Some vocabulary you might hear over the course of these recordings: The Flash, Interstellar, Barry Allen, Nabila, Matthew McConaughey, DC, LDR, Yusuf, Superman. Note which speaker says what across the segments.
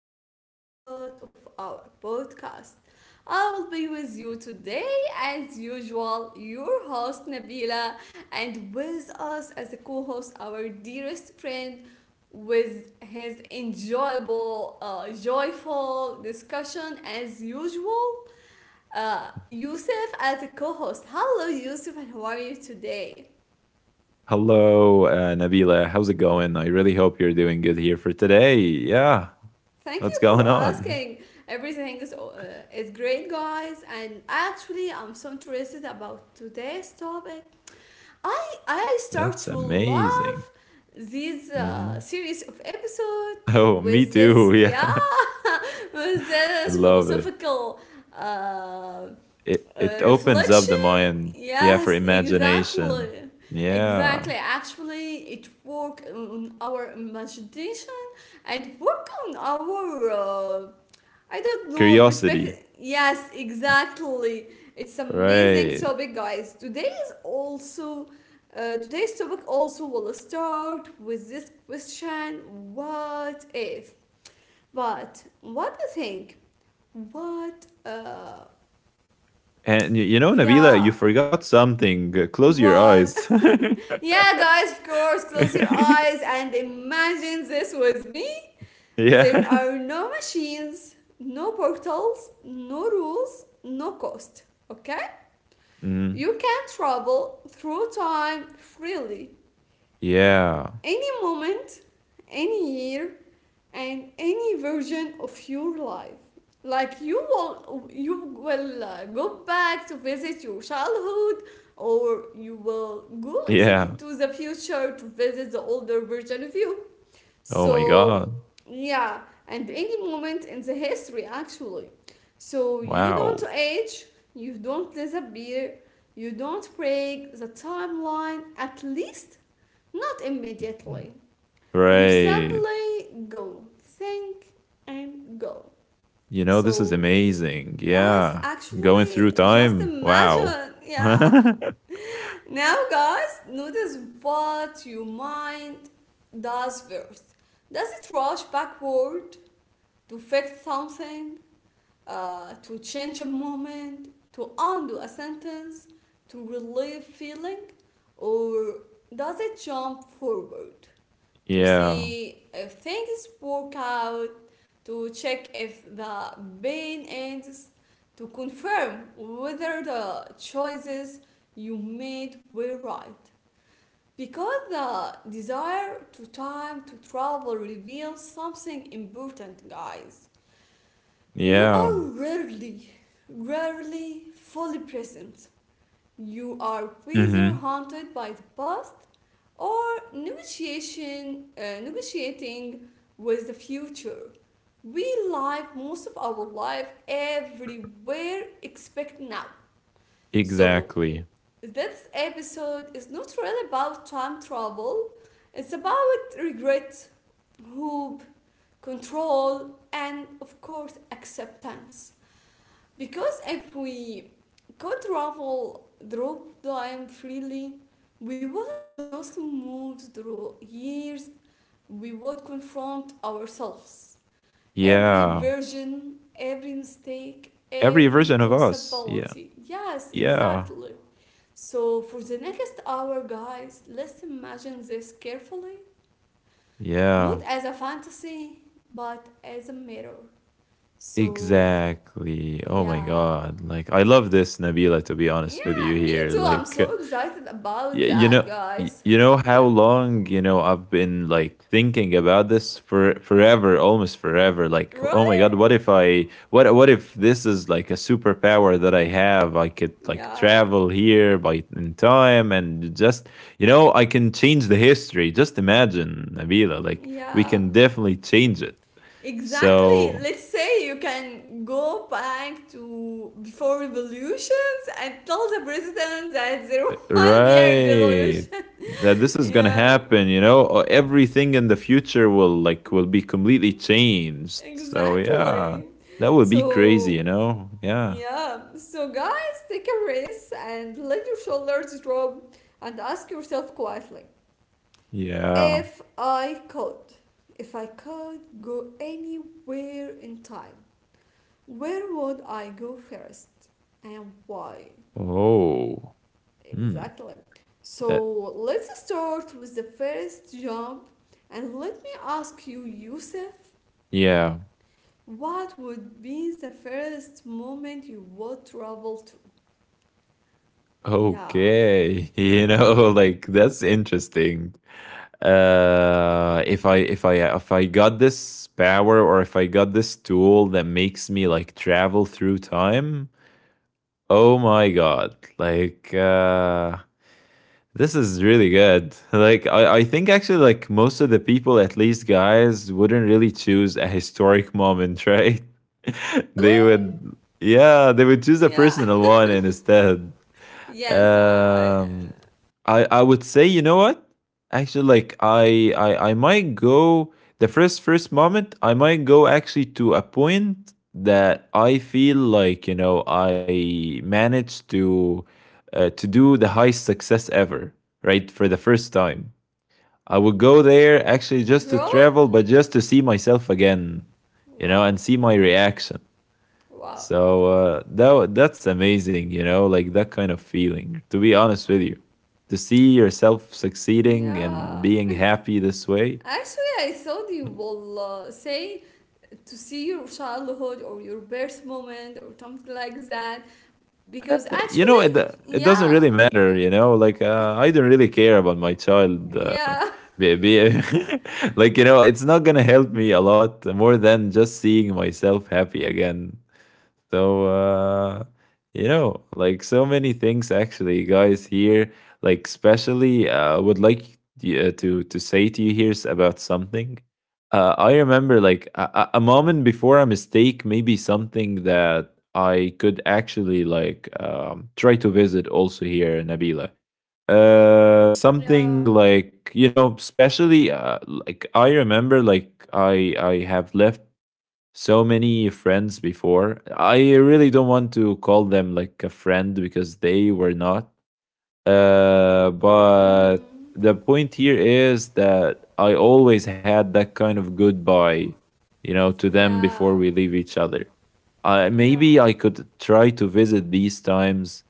Speaker 1: to a new episode of our podcast. I will be with you today, as usual, your host Nabila, and with us as a co host, our dearest friend, with his enjoyable, joyful discussion, as usual, Yusuf as a co host. Hello, Yusuf, and how are you today?
Speaker 2: Hello, Nabila. How's it going? I really hope you're doing good here for today. Yeah,
Speaker 1: Thank
Speaker 2: what's
Speaker 1: you for
Speaker 2: going on?
Speaker 1: asking. Everything is great, guys. And actually, I'm so interested about today's topic. I start
Speaker 2: That's
Speaker 1: to love
Speaker 2: amazing.
Speaker 1: this
Speaker 2: Hmm.
Speaker 1: series of episode
Speaker 2: Oh, me
Speaker 1: with
Speaker 2: too.
Speaker 1: this,
Speaker 2: Yeah,
Speaker 1: yeah. With
Speaker 2: I
Speaker 1: this
Speaker 2: love it.
Speaker 1: philosophical uh,
Speaker 2: It it opens up the
Speaker 1: reflection.
Speaker 2: mind. Yeah, for
Speaker 1: Yes,
Speaker 2: imagination.
Speaker 1: exactly.
Speaker 2: Yeah,
Speaker 1: Exactly. Actually, it work on our imagination. It work on our uh, I don't know. Respect.
Speaker 2: curiosity.
Speaker 1: Yes, exactly. It's amazing
Speaker 2: Right.
Speaker 1: topic, guys. Today's topic also will start with this question: what if? But what do you think? What?
Speaker 2: And you, Nabila,
Speaker 1: Yeah.
Speaker 2: you forgot something. Close your
Speaker 1: What?
Speaker 2: eyes.
Speaker 1: Yeah, guys. Of course. Close your eyes and imagine this with me. There
Speaker 2: Yeah.
Speaker 1: are no machines, no portals, no rules, no cost. Okay?
Speaker 2: Mhm.
Speaker 1: You can travel through time freely,
Speaker 2: Yeah.
Speaker 1: any moment, any year, and any version of your life. Like you will go back to visit your childhood, or you will go
Speaker 2: Yeah.
Speaker 1: to the future to visit the older version of you.
Speaker 2: Oh my
Speaker 1: So,
Speaker 2: God.
Speaker 1: yeah, and any moment in the history actually. So, you don't
Speaker 2: Wow.
Speaker 1: age, you don't disappear, you don't break the timeline, at least not
Speaker 2: Mhm.
Speaker 1: immediately. You
Speaker 2: Right.
Speaker 1: simply go, think, and go.
Speaker 2: You know, this is
Speaker 1: So,
Speaker 2: amazing.
Speaker 1: yes,
Speaker 2: Yeah. Going through
Speaker 1: actually, just
Speaker 2: time. Wow.
Speaker 1: imagine, yeah. Now, guys, notice what your mind does first. Does it rush backward, to fix something, to change a moment, to undo a sentence, to relieve feeling, or does it jump forward to
Speaker 2: Yeah.
Speaker 1: see if things work out, to check if the pain ends, to confirm whether the choices you made were right? Because the desire to time to travel reveals something important, guys. You
Speaker 2: Yeah.
Speaker 1: are rarely, rarely fully present. You are either
Speaker 2: Hmm.
Speaker 1: haunted by the past or negotiating with the future. We live most of our life everywhere except now. So,
Speaker 2: Exactly.
Speaker 1: this episode is not really about time travel, it's about regret, hope, control, and of course, acceptance. Because if we could travel through time freely, we wouldn't just move through years, we would confront ourselves. Every
Speaker 2: Yeah.
Speaker 1: version, every mistake,
Speaker 2: Every
Speaker 1: every
Speaker 2: version of us. Yeah.
Speaker 1: possibility. Yes,
Speaker 2: Yeah.
Speaker 1: exactly. So, for the next hour, guys, let's imagine this carefully.
Speaker 2: Yeah.
Speaker 1: Not as a fantasy, but as a mirror. So,
Speaker 2: Exactly. Oh my
Speaker 1: yeah,
Speaker 2: God. Like, I love this, Nabila, to be honest with you
Speaker 1: yeah, me
Speaker 2: here.
Speaker 1: too. I'm
Speaker 2: Like,
Speaker 1: so excited
Speaker 2: Y-
Speaker 1: about
Speaker 2: you
Speaker 1: that,
Speaker 2: know y-
Speaker 1: guys.
Speaker 2: you know how
Speaker 1: Yeah.
Speaker 2: long I've been like thinking about this for forever, almost forever. Like, oh
Speaker 1: Really?
Speaker 2: my god, what if this is like a superpower that I have. I could like
Speaker 1: Yeah.
Speaker 2: travel here by in time, and just I can change the history. Just imagine, Nabila, like we
Speaker 1: Yeah.
Speaker 2: can definitely change it,
Speaker 1: Exactly.
Speaker 2: so.
Speaker 1: Let's say you can go back to before revolutions and tell the president that there will be a
Speaker 2: Right.
Speaker 1: revolution.
Speaker 2: That this is gonna
Speaker 1: Yeah.
Speaker 2: happen, everything in the future will be completely changed. So yeah,
Speaker 1: Exactly.
Speaker 2: that would be crazy, you
Speaker 1: So,
Speaker 2: know? Yeah.
Speaker 1: yeah. So, guys, take a risk and let your shoulders drop and ask yourself quietly.
Speaker 2: Yeah.
Speaker 1: If I could, if I could go anywhere in time, where would I go first and why?
Speaker 2: Oh. Hmm.
Speaker 1: Exactly. So
Speaker 2: That
Speaker 1: let's start with the first jump and let me ask you, Yusuf,
Speaker 2: Yeah.
Speaker 1: what would be the first moment you would travel to? Yeah.
Speaker 2: Okay. You know, like that's interesting. If I got this power, or if I got this tool that makes me like travel through time. Oh my god. This is really good. Like I think actually, like, most of the people, at least guys, wouldn't really choose a historic moment, right?
Speaker 1: Really?
Speaker 2: They would, yeah, they would choose a
Speaker 1: Yeah.
Speaker 2: personal one instead.
Speaker 1: Yes, I,
Speaker 2: Um, I would say, you know what? Actually, like, I might go the first moment. I might go actually to a point that I feel like, I managed to, to do the highest success ever, right? For the first time, I would go there actually
Speaker 1: I.
Speaker 2: just to
Speaker 1: Really?
Speaker 2: travel, but just to see myself again, you know, and
Speaker 1: Wow.
Speaker 2: see my reaction.
Speaker 1: Wow.
Speaker 2: So that's amazing, you know, like that kind of feeling. To be honest with you, to see yourself succeeding and
Speaker 1: Yeah,
Speaker 2: being happy this way.
Speaker 1: actually, I thought you will say to see your childhood or your birth moment or something like that.
Speaker 2: uh,
Speaker 1: Because actually,
Speaker 2: it doesn't
Speaker 1: yeah,
Speaker 2: really matter. I don't really care about my child.
Speaker 1: yeah,
Speaker 2: Be, be- like, it's not gonna help me a lot more than just seeing myself happy again. So, like, so many things actually, guys, here, like, especially, would like to say to you here about something. I remember like a moment before a mistake, maybe something that I could actually like, try to visit also here, Nabila. Something
Speaker 1: yeah,
Speaker 2: like, especially, like, I remember like I have left so many friends before. I really don't want to call them like a friend because they were not. But
Speaker 1: mm,
Speaker 2: the point here is that I always had that kind of goodbye, to them before
Speaker 1: yeah,
Speaker 2: we leave each other. I
Speaker 1: yeah,
Speaker 2: maybe I could try to visit these times.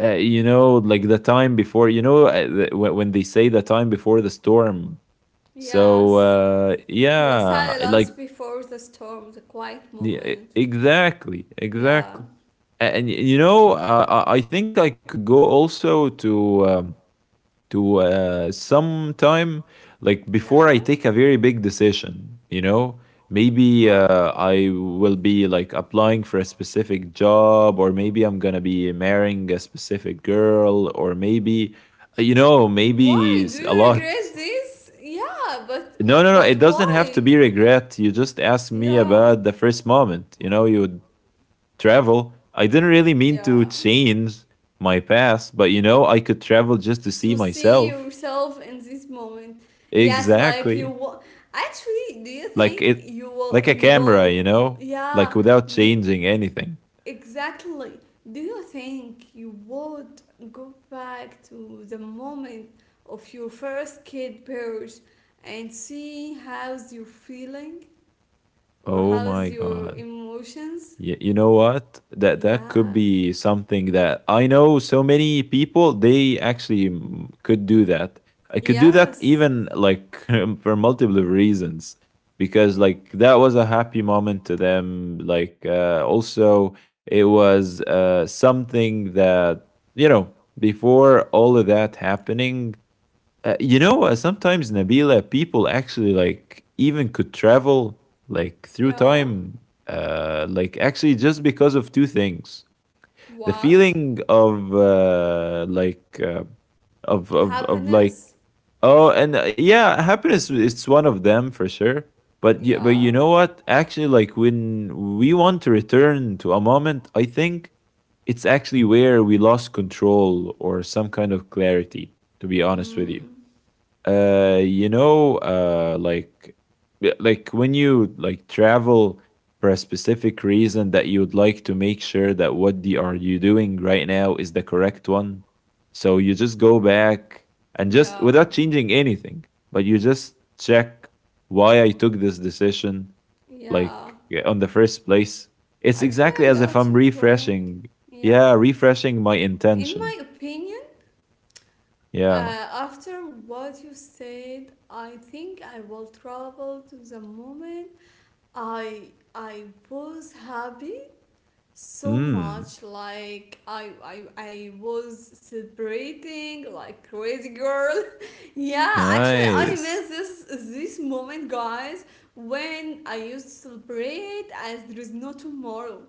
Speaker 2: Like, the time before. When they say the time before the storm.
Speaker 1: yes. The
Speaker 2: Yeah,
Speaker 1: silence
Speaker 2: like,
Speaker 1: before the storm, the quiet
Speaker 2: yeah,
Speaker 1: moment.
Speaker 2: exactly,
Speaker 1: Yeah,
Speaker 2: exactly. And I think I could go also to, some time, like, before
Speaker 1: yeah.
Speaker 2: I take a very big decision. You know, maybe,
Speaker 1: Wow.
Speaker 2: I will be like applying for a specific job, or maybe I'm gonna be marrying a specific girl, or maybe,
Speaker 1: Why do
Speaker 2: maybe,
Speaker 1: you
Speaker 2: a lot.
Speaker 1: regret this? Yeah, but
Speaker 2: No, no,
Speaker 1: but
Speaker 2: no. It doesn't
Speaker 1: why?
Speaker 2: have to be regret. You just ask me
Speaker 1: Yeah,
Speaker 2: about the first moment. You know, you travel. I didn't really mean
Speaker 1: yeah.
Speaker 2: to change my past, but, I could travel just to
Speaker 1: To
Speaker 2: see
Speaker 1: see
Speaker 2: myself.
Speaker 1: yourself in this moment. Yes, like you
Speaker 2: Exactly.
Speaker 1: will. Actually, do you
Speaker 2: Like
Speaker 1: think
Speaker 2: it
Speaker 1: you will?
Speaker 2: like a
Speaker 1: You
Speaker 2: camera, you
Speaker 1: will.
Speaker 2: know? Like,
Speaker 1: Yeah,
Speaker 2: without
Speaker 1: you
Speaker 2: changing anything.
Speaker 1: exactly. Do you think you would go back to the moment of your first kid birth and see how's your feeling or
Speaker 2: Oh
Speaker 1: how's
Speaker 2: my
Speaker 1: your
Speaker 2: god.
Speaker 1: emotions?
Speaker 2: You know what? That
Speaker 1: Yeah.
Speaker 2: could be something that I know so many people they actually, could do that. I could do that
Speaker 1: Yes.
Speaker 2: even, like for multiple reasons, because,
Speaker 1: Yeah.
Speaker 2: like, that was a happy moment to them. Like, also, it was, something that, you know before all of that happening, sometimes, Nabila, people actually, like, even could travel like through
Speaker 1: Yeah.
Speaker 2: time, like, actually, just because of two things: the
Speaker 1: What?
Speaker 2: feeling of like of like
Speaker 1: Happiness?
Speaker 2: oh, and, yeah, happiness, it's one of them for sure. But
Speaker 1: Yeah.
Speaker 2: you know what? Actually, like, when we want to return to a moment, I think it's actually where we lost control or some kind of clarity. To be honest with you,
Speaker 1: Mm,
Speaker 2: like, yeah, like, when you travel for a specific reason, that you would like to make sure that what the are you doing right now is the correct one. So you just go back, and just
Speaker 1: yeah,
Speaker 2: without changing anything, but you just check why I took this decision,
Speaker 1: yeah.
Speaker 2: like, yeah, on the first place. It's
Speaker 1: Actually,
Speaker 2: exactly
Speaker 1: I
Speaker 2: as if
Speaker 1: got
Speaker 2: I'm
Speaker 1: your point.
Speaker 2: refreshing.
Speaker 1: Yeah.
Speaker 2: Yeah, refreshing my
Speaker 1: In
Speaker 2: intention.
Speaker 1: my opinion,
Speaker 2: Yeah.
Speaker 1: uh, after what you said, I think I will travel to the moment I was happy so
Speaker 2: Mm.
Speaker 1: much, like I was celebrating like crazy girl. Yeah, actually, I
Speaker 2: Nice.
Speaker 1: miss this moment, guys, when I used to celebrate as there is no tomorrow,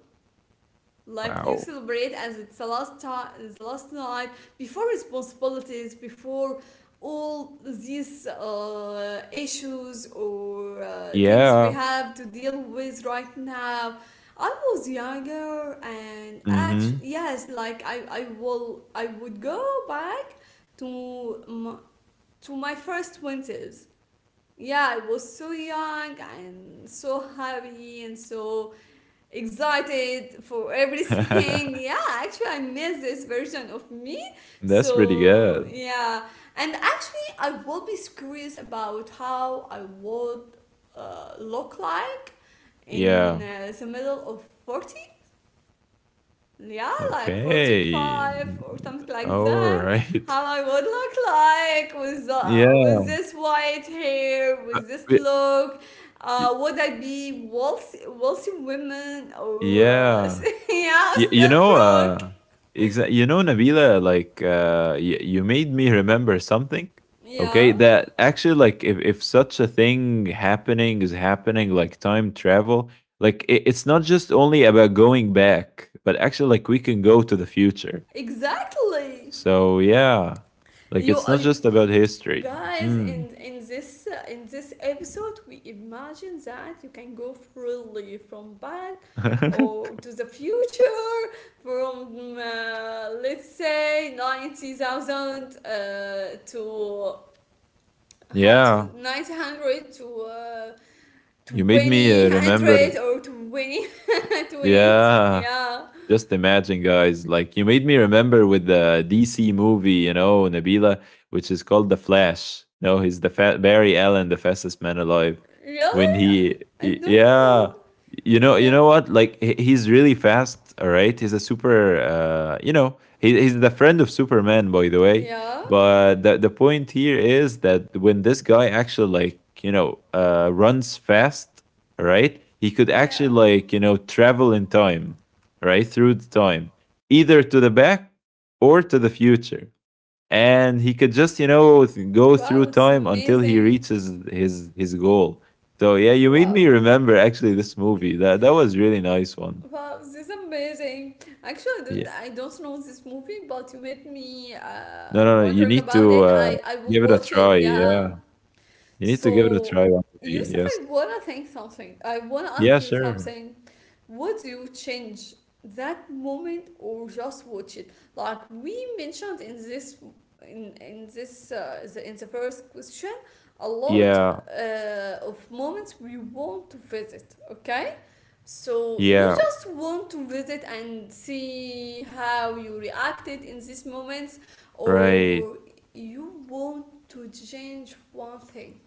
Speaker 1: like you
Speaker 2: Wow.
Speaker 1: celebrate as it's the last time, the last night before responsibilities, before all these issues or things we
Speaker 2: Yeah.
Speaker 1: have to deal with right now. I was younger, and actually,
Speaker 2: Mhm.
Speaker 1: yes, like I would go back to to my first winters. Yeah, I was so young and so happy and so excited for everything. Yeah, actually, I miss this version of me.
Speaker 2: That's pretty
Speaker 1: So,
Speaker 2: good.
Speaker 1: yeah. And actually, I will be curious about how I would look like in
Speaker 2: Yeah.
Speaker 1: the middle of 40, yeah, like
Speaker 2: Okay.
Speaker 1: 45 or something like that,
Speaker 2: Alright.
Speaker 1: how I would look like with,
Speaker 2: Yeah,
Speaker 1: with this white hair, with this
Speaker 2: but
Speaker 1: look.
Speaker 2: y
Speaker 1: Would I be wealthy women or,
Speaker 2: yeah.
Speaker 1: yeah,
Speaker 2: Y You
Speaker 1: still
Speaker 2: know,
Speaker 1: broke?
Speaker 2: exa you know, Nabila, like, y you made me remember something, okay,
Speaker 1: Yeah,
Speaker 2: that actually, like, if such a thing happening is happening, like time travel, like, I it's not just only about going back, but actually, like, we can go to the future.
Speaker 1: exactly.
Speaker 2: So yeah, like,
Speaker 1: You,
Speaker 2: it's not
Speaker 1: uh,
Speaker 2: just about history.
Speaker 1: Guys,
Speaker 2: Mm.
Speaker 1: in this episode, we imagine that you can go freely from back or to the future, from, let's say, 90,000, to, how
Speaker 2: Yeah,
Speaker 1: to 900, to,
Speaker 2: you made me,
Speaker 1: twenty
Speaker 2: remember.
Speaker 1: hundred or 20 20,
Speaker 2: Yeah.
Speaker 1: yeah,
Speaker 2: Just imagine, guys, like, you made me remember with the DC movie, you know, Nabila, which is called The Flash. No, he's the Barry Allen, the fastest man alive. When
Speaker 1: really, I don't
Speaker 2: yeah,
Speaker 1: know.
Speaker 2: you
Speaker 1: Yeah,
Speaker 2: know what? Like he's really fast. All right, he's a super. He's the friend of Superman, by the way.
Speaker 1: yeah,
Speaker 2: But the point here is that when this guy actually, like, runs fast, all right, he could actually,
Speaker 1: yeah,
Speaker 2: like, travel in time, right through the time, either to the back or to the future, and he could just, go through
Speaker 1: wow, it's
Speaker 2: time until he
Speaker 1: amazing.
Speaker 2: reaches his goal. So yeah, you made
Speaker 1: Wow.
Speaker 2: me remember actually this movie, that was really nice one.
Speaker 1: Wow, this is amazing. Actually, I don't-
Speaker 2: Yeah.
Speaker 1: I don't know this movie, but you made me
Speaker 2: No, no, no, you
Speaker 1: wondering
Speaker 2: need
Speaker 1: about
Speaker 2: to,
Speaker 1: it. I will
Speaker 2: give it a
Speaker 1: watch
Speaker 2: try.
Speaker 1: it,
Speaker 2: Yeah,
Speaker 1: yeah.
Speaker 2: you need to give it a
Speaker 1: So,
Speaker 2: try one day.
Speaker 1: Yusuf,
Speaker 2: Yes.
Speaker 1: I wanna think something. I wanna
Speaker 2: Yeah,
Speaker 1: ask you
Speaker 2: sure.
Speaker 1: something. Would you change that moment or just watch it? Like we mentioned in this, in the first question, a lot
Speaker 2: Yeah,
Speaker 1: of moments we want to visit. Okay, so you
Speaker 2: yeah.
Speaker 1: just want to visit and see how you reacted in these moments,
Speaker 2: Right.
Speaker 1: or you want to change one thing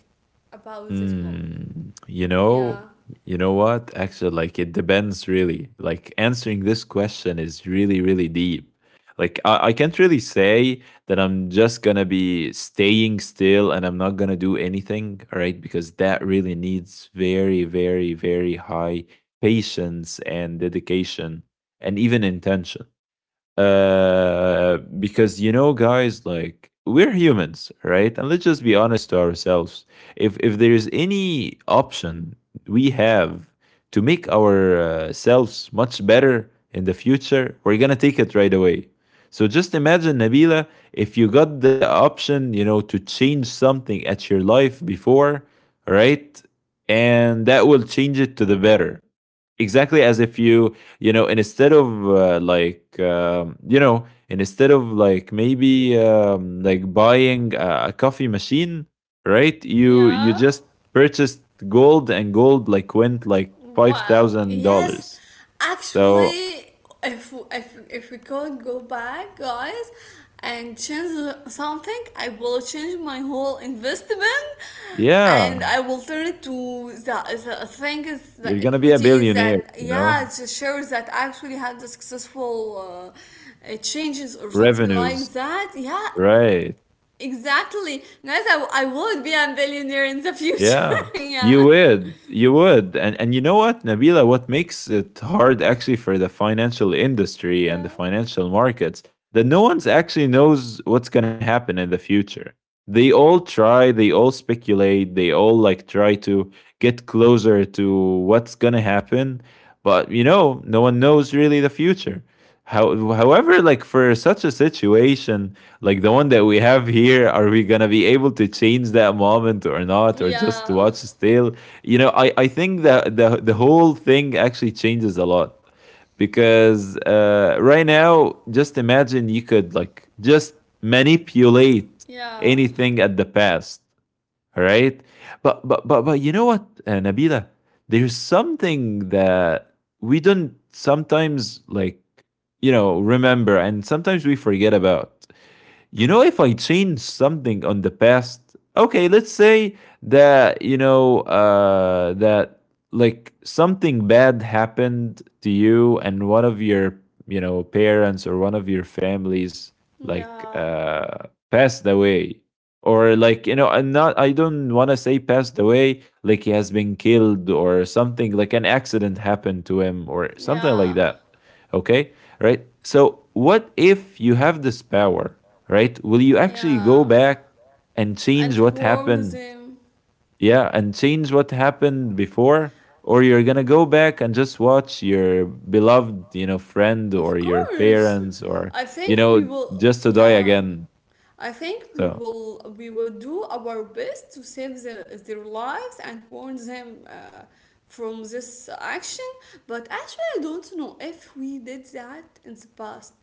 Speaker 1: about this moment.
Speaker 2: Mm,
Speaker 1: Yeah.
Speaker 2: you know what? Actually, like, it depends really. Like, answering this question is really, really deep. Like I can't really say that I'm just gonna be staying still, and I'm not gonna do anything, all right? Because that really needs very, very, very high patience and dedication, and even intention. Because, guys, like, we're humans, right? And let's just be honest to ourselves. If there is any option we have to make ourselves much better in the future, we're gonna take it right away. So just imagine, Nabila, if you got the option, to change something at your life before, right? And that will change it to the better, exactly as if and instead of, like, you know, and instead of, like, maybe, like, buying a coffee machine, right? You
Speaker 1: Yeah.
Speaker 2: just purchased gold, and gold like went like five
Speaker 1: Wow.
Speaker 2: thousand
Speaker 1: Yes.
Speaker 2: dollars So
Speaker 1: Actually, if we could go back, guys, and change something, I will change my whole investment, and
Speaker 2: yeah,
Speaker 1: I will turn it to the things, the
Speaker 2: you're gonna be a
Speaker 1: equities
Speaker 2: billionaire,
Speaker 1: that,
Speaker 2: you know,
Speaker 1: yeah, the shares that actually had the successful changes or something
Speaker 2: revenues,
Speaker 1: like that. Yeah.
Speaker 2: right?
Speaker 1: Exactly. Guys, I would be a billionaire in the future.
Speaker 2: Yeah,
Speaker 1: Yeah.
Speaker 2: you would, and you know what, Nabila, what makes it hard actually for the financial industry and the
Speaker 1: Yeah.
Speaker 2: financial markets, that no one's actually knows what's gonna happen in the future. They all try, they all speculate, they all like try to get closer to what's gonna happen, but, no one knows really the future. However, like, for such a situation, like the one that we have here, are we gonna be able to change that moment or not, or just to
Speaker 1: Yeah.
Speaker 2: watch still? I think that the whole thing actually changes a lot, because, right now, just imagine you could like just manipulate
Speaker 1: Yeah.
Speaker 2: anything at the past, all right? But you know what, Nabila, there's something that we don't sometimes, like, remember, and sometimes we forget about. You know, if I change something on the past, okay, let's say that, like, something bad happened to you, and one of your, parents, or one of your families, like,
Speaker 1: Yeah.
Speaker 2: passed away. Or, like, and not, I don't want to say passed away, like he has been killed or something, like an accident happened to him or something like
Speaker 1: Yeah.
Speaker 2: that. Okay, right? So, what if you have this power, right? Will you actually
Speaker 1: Yeah.
Speaker 2: go back and
Speaker 1: And
Speaker 2: change what
Speaker 1: warn
Speaker 2: happened?
Speaker 1: them.
Speaker 2: Yeah, and change what happened before? Or you're
Speaker 1: Oh,
Speaker 2: gonna
Speaker 1: yeah.
Speaker 2: go back and just watch your beloved, friend or
Speaker 1: Of
Speaker 2: your
Speaker 1: course.
Speaker 2: parents or,
Speaker 1: I
Speaker 2: you
Speaker 1: think we
Speaker 2: know,
Speaker 1: will.
Speaker 2: just to die
Speaker 1: Yeah.
Speaker 2: again.
Speaker 1: I think we
Speaker 2: So,
Speaker 1: will we will do our best to save their lives and warn them from this action. But actually, I don't know if we did that in the past.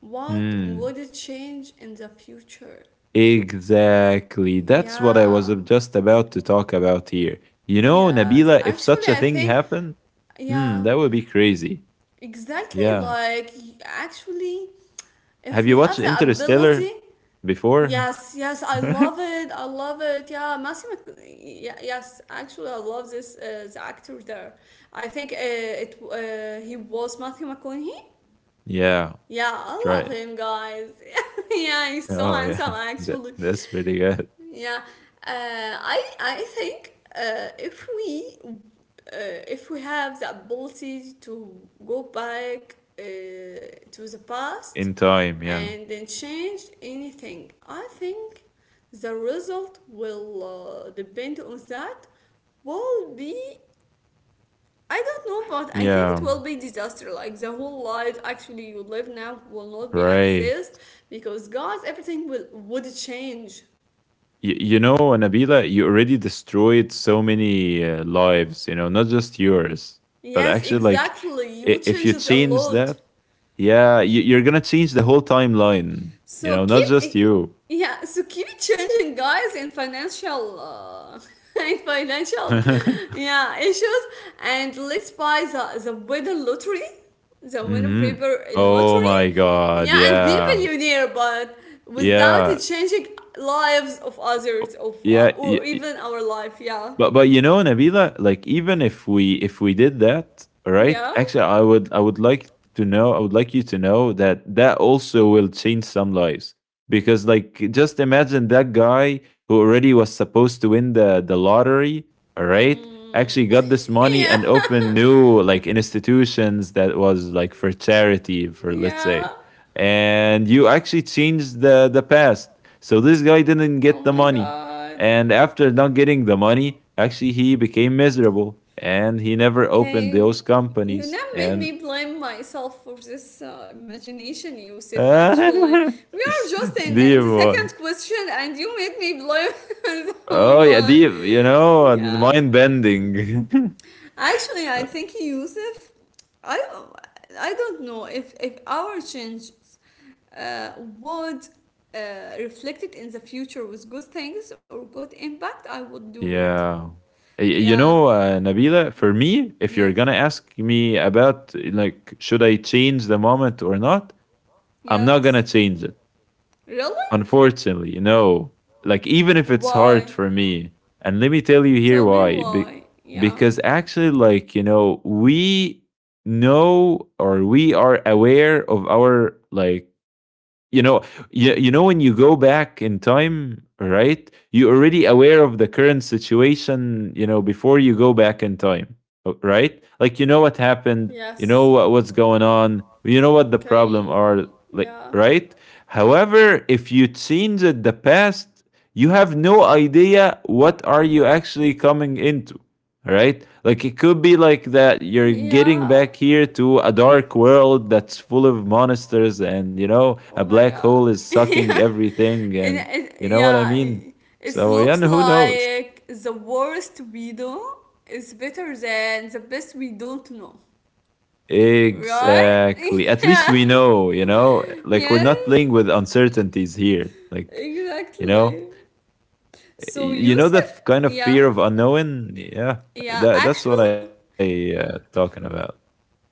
Speaker 1: What
Speaker 2: hmm,
Speaker 1: would it change in the future?
Speaker 2: exactly. That's what I was
Speaker 1: Yeah.
Speaker 2: just about to talk about here. You know,
Speaker 1: Yes.
Speaker 2: Nabila, if such
Speaker 1: Actually,
Speaker 2: a
Speaker 1: I
Speaker 2: thing
Speaker 1: think,
Speaker 2: happened,
Speaker 1: yeah,
Speaker 2: that would be crazy.
Speaker 1: exactly,
Speaker 2: Yeah.
Speaker 1: like, actually, if
Speaker 2: Have
Speaker 1: we
Speaker 2: you watched
Speaker 1: have the ability.
Speaker 2: Interstellar before?
Speaker 1: Yes, yes, I love it. I love it. Yeah, Matthew Mc... Yeah, yes, actually, I love this the actor there. I think it he was Matthew McConaughey.
Speaker 2: Yeah,
Speaker 1: Yeah, I
Speaker 2: try
Speaker 1: love
Speaker 2: it.
Speaker 1: him, guys. Yeah, he's so
Speaker 2: Oh yeah,
Speaker 1: handsome,
Speaker 2: that,
Speaker 1: actually.
Speaker 2: that's pretty good.
Speaker 1: Yeah, I think if we have the ability to go back to the past
Speaker 2: In time, yeah.
Speaker 1: and then change anything, I think the result will depend on that. Will be, I don't know, but I think it
Speaker 2: Yeah,
Speaker 1: will be disaster. Like the whole life actually you live now will not be
Speaker 2: right.
Speaker 1: accessed, because guys, everything will would change.
Speaker 2: You know, Nabila, you already destroyed so many lives, you know, not just yours, but
Speaker 1: Yes,
Speaker 2: actually, like,
Speaker 1: exactly. You
Speaker 2: if
Speaker 1: changed
Speaker 2: you
Speaker 1: it a
Speaker 2: change
Speaker 1: lot.
Speaker 2: that, yeah, you're gonna change the whole timeline, you
Speaker 1: So
Speaker 2: know, not just
Speaker 1: keep,
Speaker 2: you.
Speaker 1: yeah. So keep changing, guys, in financial, in financial, yeah, issues. And let's buy the winner lottery, the winner
Speaker 2: hmm
Speaker 1: paper in
Speaker 2: Oh
Speaker 1: lottery,
Speaker 2: my God,
Speaker 1: yeah, and be
Speaker 2: yeah,
Speaker 1: billionaire, but without it
Speaker 2: yeah.
Speaker 1: changing lives of others,
Speaker 2: o-
Speaker 1: of
Speaker 2: Yeah,
Speaker 1: or even our life. Yeah,
Speaker 2: but you know, Nabila, like even if we did that, right?
Speaker 1: yeah,
Speaker 2: Actually, I would like to know. I would like you to know that that also will change some lives because like just imagine that guy who already was supposed to win the lottery, all right?
Speaker 1: mm.
Speaker 2: Actually got this money
Speaker 1: Yeah,
Speaker 2: and opened new like institutions that was like for charity for let's
Speaker 1: yeah.
Speaker 2: say. And you actually changed the past. So this guy didn't
Speaker 1: Oh
Speaker 2: get the
Speaker 1: my
Speaker 2: money
Speaker 1: god.
Speaker 2: and after not getting the money, actually he became miserable and he never opened
Speaker 1: Okay,
Speaker 2: those
Speaker 1: you
Speaker 2: companies.
Speaker 1: now made
Speaker 2: And
Speaker 1: me blame myself for this imagination,
Speaker 2: deep
Speaker 1: Yusuf. Actually, we are just in the
Speaker 2: one.
Speaker 1: second question, and you made me blame the
Speaker 2: Oh
Speaker 1: whole
Speaker 2: yeah,
Speaker 1: one.
Speaker 2: deep, you know,
Speaker 1: Yeah,
Speaker 2: mind bending.
Speaker 1: actually, I think, Yusuf, I I don't know if our changes uh, would reflect it in the future with good things or good impact, I would do it.
Speaker 2: Yeah. You
Speaker 1: Yeah,
Speaker 2: know, Nabila, for me, if
Speaker 1: yes,
Speaker 2: you're going to ask me about like should I change the moment or not, I'm not
Speaker 1: yes.
Speaker 2: going to change it.
Speaker 1: Really?
Speaker 2: Unfortunately, no. Like, even if it's
Speaker 1: Why?
Speaker 2: hard for me, and let me tell you
Speaker 1: Tell
Speaker 2: here
Speaker 1: me
Speaker 2: why.
Speaker 1: why. Yeah.
Speaker 2: Because actually, like, you know, we know or we are aware of our, like, you know you, you know when you go back in time, right? You're already aware of the current situation, you know, before you go back in time. Right, like you know what happened, you know
Speaker 1: Yes.
Speaker 2: what's going on, you know what the problem
Speaker 1: Okay.
Speaker 2: are, like,
Speaker 1: Yeah.
Speaker 2: right. However, if you change it the past, you have no idea what are you actually coming into, right? Like it could be like that you're getting
Speaker 1: Yeah.
Speaker 2: back here to a dark world that's full of monsters and, you know, a
Speaker 1: Oh my
Speaker 2: black
Speaker 1: god.
Speaker 2: hole is sucking
Speaker 1: Yeah.
Speaker 2: everything, and you know what I
Speaker 1: Yeah.
Speaker 2: mean?
Speaker 1: It
Speaker 2: So yeah, and
Speaker 1: looks
Speaker 2: who knows?
Speaker 1: like the worst we do is better than the best we don't know. Right?
Speaker 2: Exactly. At least
Speaker 1: Yeah.
Speaker 2: we know, you know, like we're not
Speaker 1: Yes.
Speaker 2: playing with uncertainties here. Like, you know,
Speaker 1: Exactly. So
Speaker 2: you know
Speaker 1: Yusuf,
Speaker 2: the kind of
Speaker 1: yeah,
Speaker 2: fear of unknown? Yeah.
Speaker 1: yeah.
Speaker 2: That's what
Speaker 1: Actual
Speaker 2: I talking about.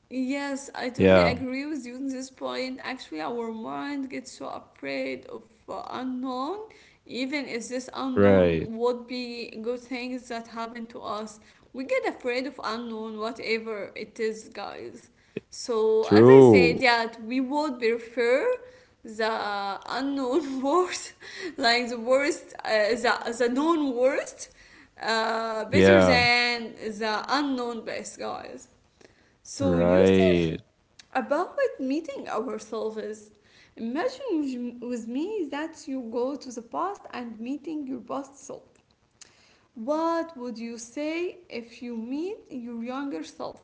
Speaker 1: Yes, I
Speaker 2: Yeah.
Speaker 1: totally agree with you on this point. Actually, our mind gets so afraid of unknown, even if this
Speaker 2: Right.
Speaker 1: unknown would be good things that happen to us. We get afraid of unknown, whatever it is, guys. So, as I said,
Speaker 2: True.
Speaker 1: yeah, we would prefer the unknown worst, like the worst, the known worst, better
Speaker 2: Yeah.
Speaker 1: than the unknown best, guys. So, Yusuf,
Speaker 2: Right.
Speaker 1: about meeting ourselves, imagine with me that you go to the past and meeting your past self. What would you say if you meet your younger self?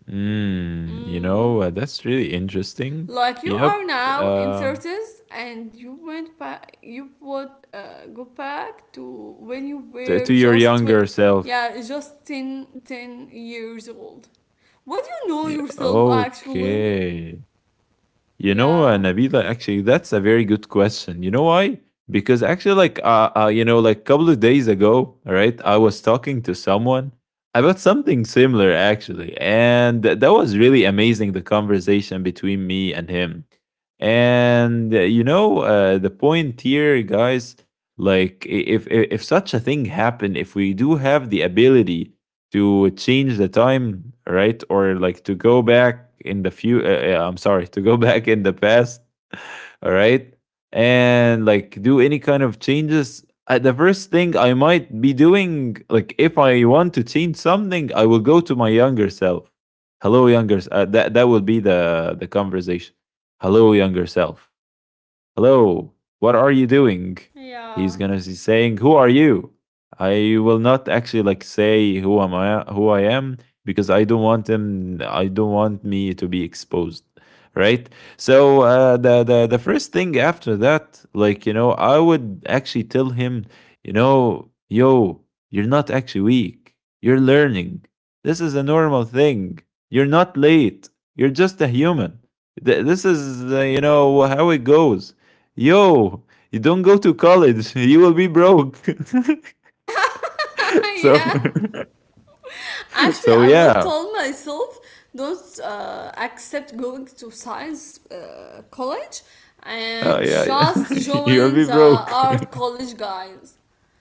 Speaker 2: Mm, you
Speaker 1: Mm,
Speaker 2: know, that's really interesting.
Speaker 1: like you
Speaker 2: Yep.
Speaker 1: are now in
Speaker 2: Uh,
Speaker 1: 30s and you went back, you would go back to when you were
Speaker 2: to your
Speaker 1: just
Speaker 2: younger self.
Speaker 1: yeah, just ten years old. What do you know
Speaker 2: Yeah,
Speaker 1: yourself actually?
Speaker 2: okay. You know,
Speaker 1: Yeah.
Speaker 2: Nabila, actually, that's a very good question. You know why? Because actually, like, you know, like a couple of days ago, all right, I was talking to someone about something similar, actually. And that was really amazing, the conversation between me and him. And, you know, the point here, guys, like, if such a thing happened, if we do have the ability to change the time, right? Or like to go back in the few. I'm sorry, to go back in the past, all right? And like do any kind of changes. The first thing I might be doing, like if I want to change something, I will go to my younger self. Hello, younger. That that will be the conversation. Hello, younger self. Hello, what are you doing? He's
Speaker 1: Yeah.
Speaker 2: gonna be saying, who are you? I will not actually like say who am I, who I am, because I don't want him, I don't want me to be exposed. Right? So the first thing after that, like, you know, I would actually tell him, you know, yo, you're not actually weak. You're learning. This is a normal thing. You're not late. You're just a human. This is, you know, how it goes. Yo, you don't go to college, you will be broke.
Speaker 1: Yeah,
Speaker 2: So
Speaker 1: yeah. Actually,
Speaker 2: so
Speaker 1: I would
Speaker 2: yeah.
Speaker 1: tell myself don't accept going to science college
Speaker 2: Oh
Speaker 1: and
Speaker 2: yeah, yeah,
Speaker 1: just
Speaker 2: you'll
Speaker 1: join
Speaker 2: be
Speaker 1: the
Speaker 2: broke.
Speaker 1: art college, guys.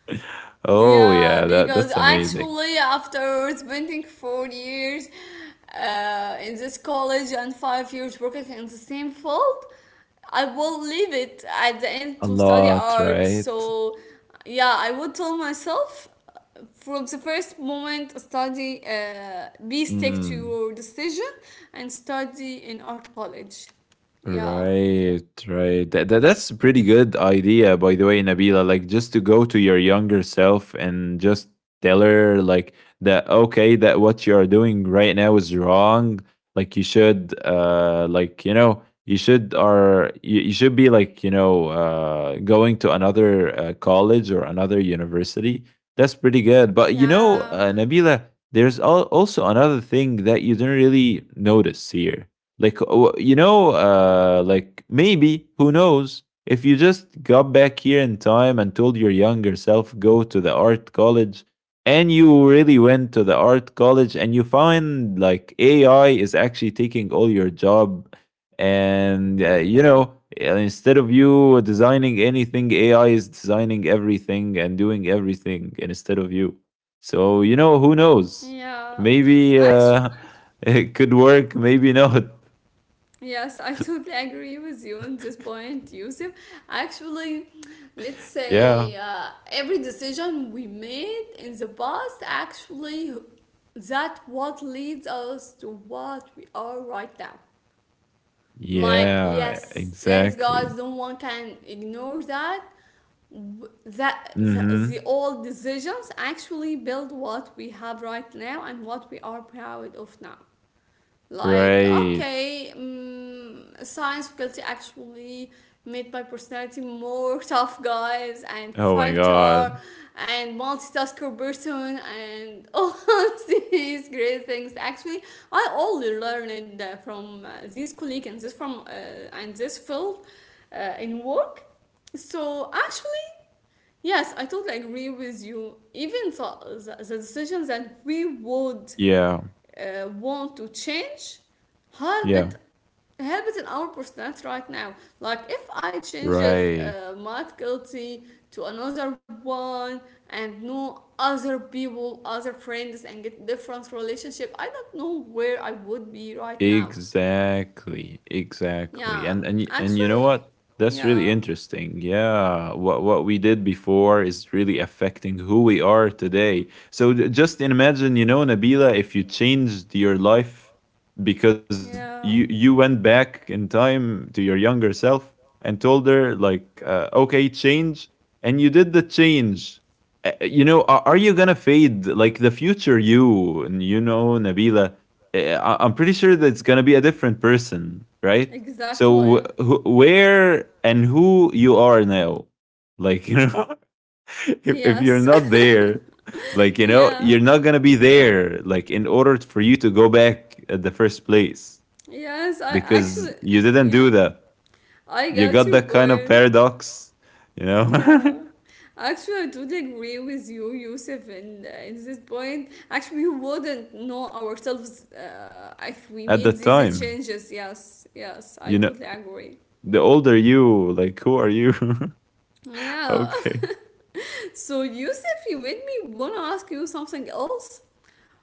Speaker 2: Oh
Speaker 1: Yeah,
Speaker 2: yeah,
Speaker 1: because
Speaker 2: that's amazing.
Speaker 1: actually, after spending 4 years in this college and 5 years working in the same field, I will leave it at the end
Speaker 2: A
Speaker 1: to study
Speaker 2: lot,
Speaker 1: art.
Speaker 2: right?
Speaker 1: So, yeah, I would tell myself from the first moment study, be stick to
Speaker 2: Mm.
Speaker 1: your decision and study in art college. Yeah.
Speaker 2: Right, right. That's a pretty good idea, by the way, Nabila. Like just to go to your younger self and just tell her like that, okay, that what you are doing right now is wrong. Like you should like, you know, you should be like, you know, going to another college or another university. That's pretty good. But you know,
Speaker 1: Yeah.
Speaker 2: Nabila, there's also another thing that you didn't really notice here, like, you know, like maybe who knows, if you just got back here in time and told your younger self go to the art college, and you really went to the art college and you find like AI is actually taking all your job, and you know, instead of you designing anything, AI is designing everything and doing everything instead of you. So you know, who knows?
Speaker 1: Yeah.
Speaker 2: Maybe
Speaker 1: Actually,
Speaker 2: it could work, maybe not.
Speaker 1: yes, I totally agree with you on this point, Yusuf. Actually, let's
Speaker 2: Yeah.
Speaker 1: say every decision we made in the past, actually, that what leads us to what we are right now. Like,
Speaker 2: Yeah,
Speaker 1: yes, yes,
Speaker 2: exactly.
Speaker 1: guys, no one can ignore that. That the
Speaker 2: Mhm.
Speaker 1: old decisions actually build what we have right now and what we are proud of now. Like,
Speaker 2: Right.
Speaker 1: okay, science faculty actually made my personality more tough guys and
Speaker 2: Oh my
Speaker 1: fighter
Speaker 2: god.
Speaker 1: and multitasker person and all these great things. Actually, I only learned from these colleagues and this from and this field in work. So actually, yes, I totally agree with you. Even so, the decision that we would
Speaker 2: Yeah.
Speaker 1: want to change help
Speaker 2: Yeah.
Speaker 1: it help it in our personality right now. Like if I change it,
Speaker 2: Right.
Speaker 1: my guilty to another one and know other people, other friends, and get different relationship, I don't know where I would be right now.
Speaker 2: Exactly, exactly.
Speaker 1: Yeah,
Speaker 2: And and you know
Speaker 1: actually.
Speaker 2: what? That's really
Speaker 1: Yeah,
Speaker 2: interesting. Yeah, what we did before is really affecting who we are today. So just imagine, you know, Nabila, if you changed your life because
Speaker 1: yeah,
Speaker 2: you went back in time to your younger self and told her like, okay, change, and you did the change. You know, are you gonna fade like the future you? And you know, Nabila, I'm pretty sure that it's gonna be a different person, right? So
Speaker 1: exactly.
Speaker 2: where and who you are now, like, you know, if you're
Speaker 1: Yes.
Speaker 2: not there, like, you know,
Speaker 1: Yeah.
Speaker 2: you're not gonna be there. Like in order for you to go back at the first place,
Speaker 1: yes i
Speaker 2: because
Speaker 1: actually
Speaker 2: you didn't do
Speaker 1: Yeah,
Speaker 2: that.
Speaker 1: I
Speaker 2: You got
Speaker 1: got your
Speaker 2: that kind of
Speaker 1: point.
Speaker 2: paradox, you know,
Speaker 1: Yeah, actually, I totally agree with you, Yusuf, in this point. Actually, we wouldn't know ourselves if we
Speaker 2: at the
Speaker 1: made these
Speaker 2: time.
Speaker 1: changes. Yes, yes, I
Speaker 2: You know,
Speaker 1: totally agree.
Speaker 2: the older you, like, who are you?
Speaker 1: Yeah,
Speaker 2: Okay.
Speaker 1: so Yusuf, you made me want to ask you something else.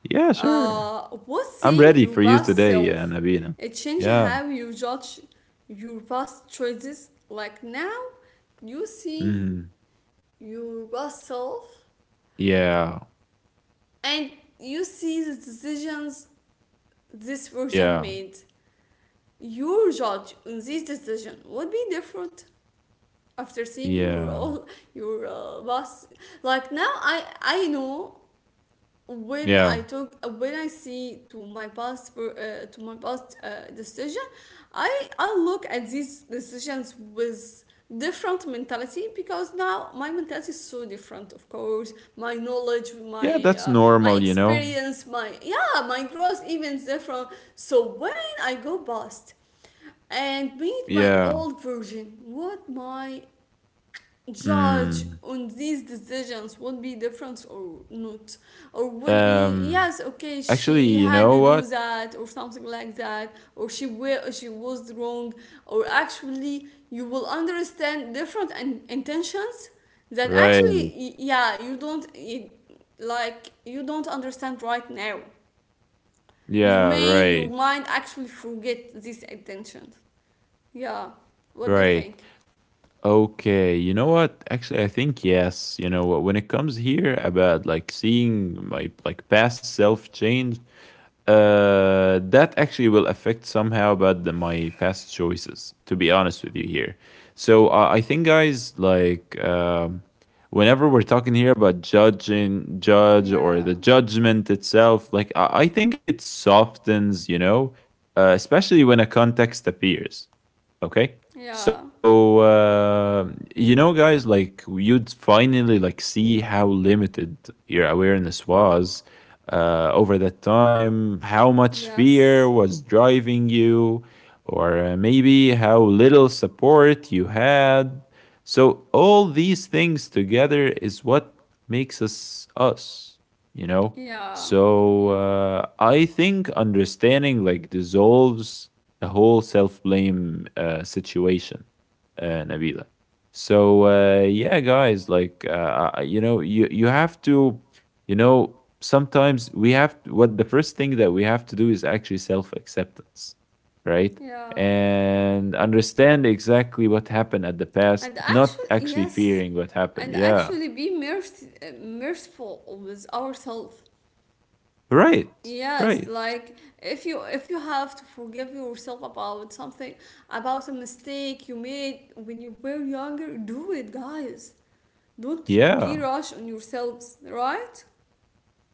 Speaker 2: Yeah, sure.
Speaker 1: What
Speaker 2: I'm
Speaker 1: saying
Speaker 2: ready
Speaker 1: your
Speaker 2: for you
Speaker 1: past
Speaker 2: today,
Speaker 1: self?
Speaker 2: Nabina.
Speaker 1: It changed
Speaker 2: Yeah.
Speaker 1: how you judge your past choices. Like now, you see
Speaker 2: Mhm.
Speaker 1: your past self
Speaker 2: Yeah.
Speaker 1: and you see the decisions this version
Speaker 2: Yeah.
Speaker 1: made. Your judge on this decision would be different after seeing your
Speaker 2: Yeah.
Speaker 1: role, your boss. Like now, I know when I
Speaker 2: Yeah.
Speaker 1: talk, when I see to my past for to my past decision, I look at these decisions with different mentality, because now my mentality is so different, of course, my knowledge, my
Speaker 2: Yeah, that's
Speaker 1: my
Speaker 2: normal, you know?
Speaker 1: experience, my, yeah, my growth even is different. So when I go past and meet my
Speaker 2: Yeah.
Speaker 1: old version, what my judge
Speaker 2: Mm.
Speaker 1: on these decisions would be? Different or not, or would be,
Speaker 2: Um,
Speaker 1: yes, okay,
Speaker 2: Actually,
Speaker 1: she
Speaker 2: you
Speaker 1: had
Speaker 2: know
Speaker 1: to do
Speaker 2: what?
Speaker 1: that or something like that, or she will, she was wrong, or actually you will understand different and intentions that
Speaker 2: Right.
Speaker 1: actually yeah, you don't like you don't understand right now. You
Speaker 2: Yeah,
Speaker 1: may,
Speaker 2: right.
Speaker 1: your mind actually forget these intentions. Yeah, what do you
Speaker 2: Right.
Speaker 1: think?
Speaker 2: Okay. You know what? Actually, I think yes. You know what? When it comes here about like seeing my like past self change, that actually will affect somehow about my past choices, to be honest with you here. So I think, guys, like whenever we're talking here about judging judge or
Speaker 1: Yeah,
Speaker 2: the judgment itself, like I think it softens, you know, especially when a context appears. Okay.
Speaker 1: yeah,
Speaker 2: So, you know, guys, like you'd finally like see how limited your awareness was over that time, how much fear
Speaker 1: yes.
Speaker 2: was driving you, or maybe how little support you had. So, all these things together is what makes us us, you know?
Speaker 1: Yeah,
Speaker 2: So, I think understanding like dissolves the whole self blame situation, Nabila. So yeah, guys, like you know, you have to, you know, sometimes we have to, what the first thing that we have to do is actually self acceptance, right?
Speaker 1: yeah.
Speaker 2: And understand exactly what happened at the
Speaker 1: And
Speaker 2: past, not
Speaker 1: actually,
Speaker 2: actually
Speaker 1: yes,
Speaker 2: fearing what happened.
Speaker 1: and
Speaker 2: Yeah,
Speaker 1: actually be merciful with ourselves.
Speaker 2: right,
Speaker 1: Yes,
Speaker 2: right.
Speaker 1: like if you, if you have to forgive yourself about something, about a mistake you made when you were younger, do it, guys. Don't be
Speaker 2: Yeah.
Speaker 1: rush on yourselves, right?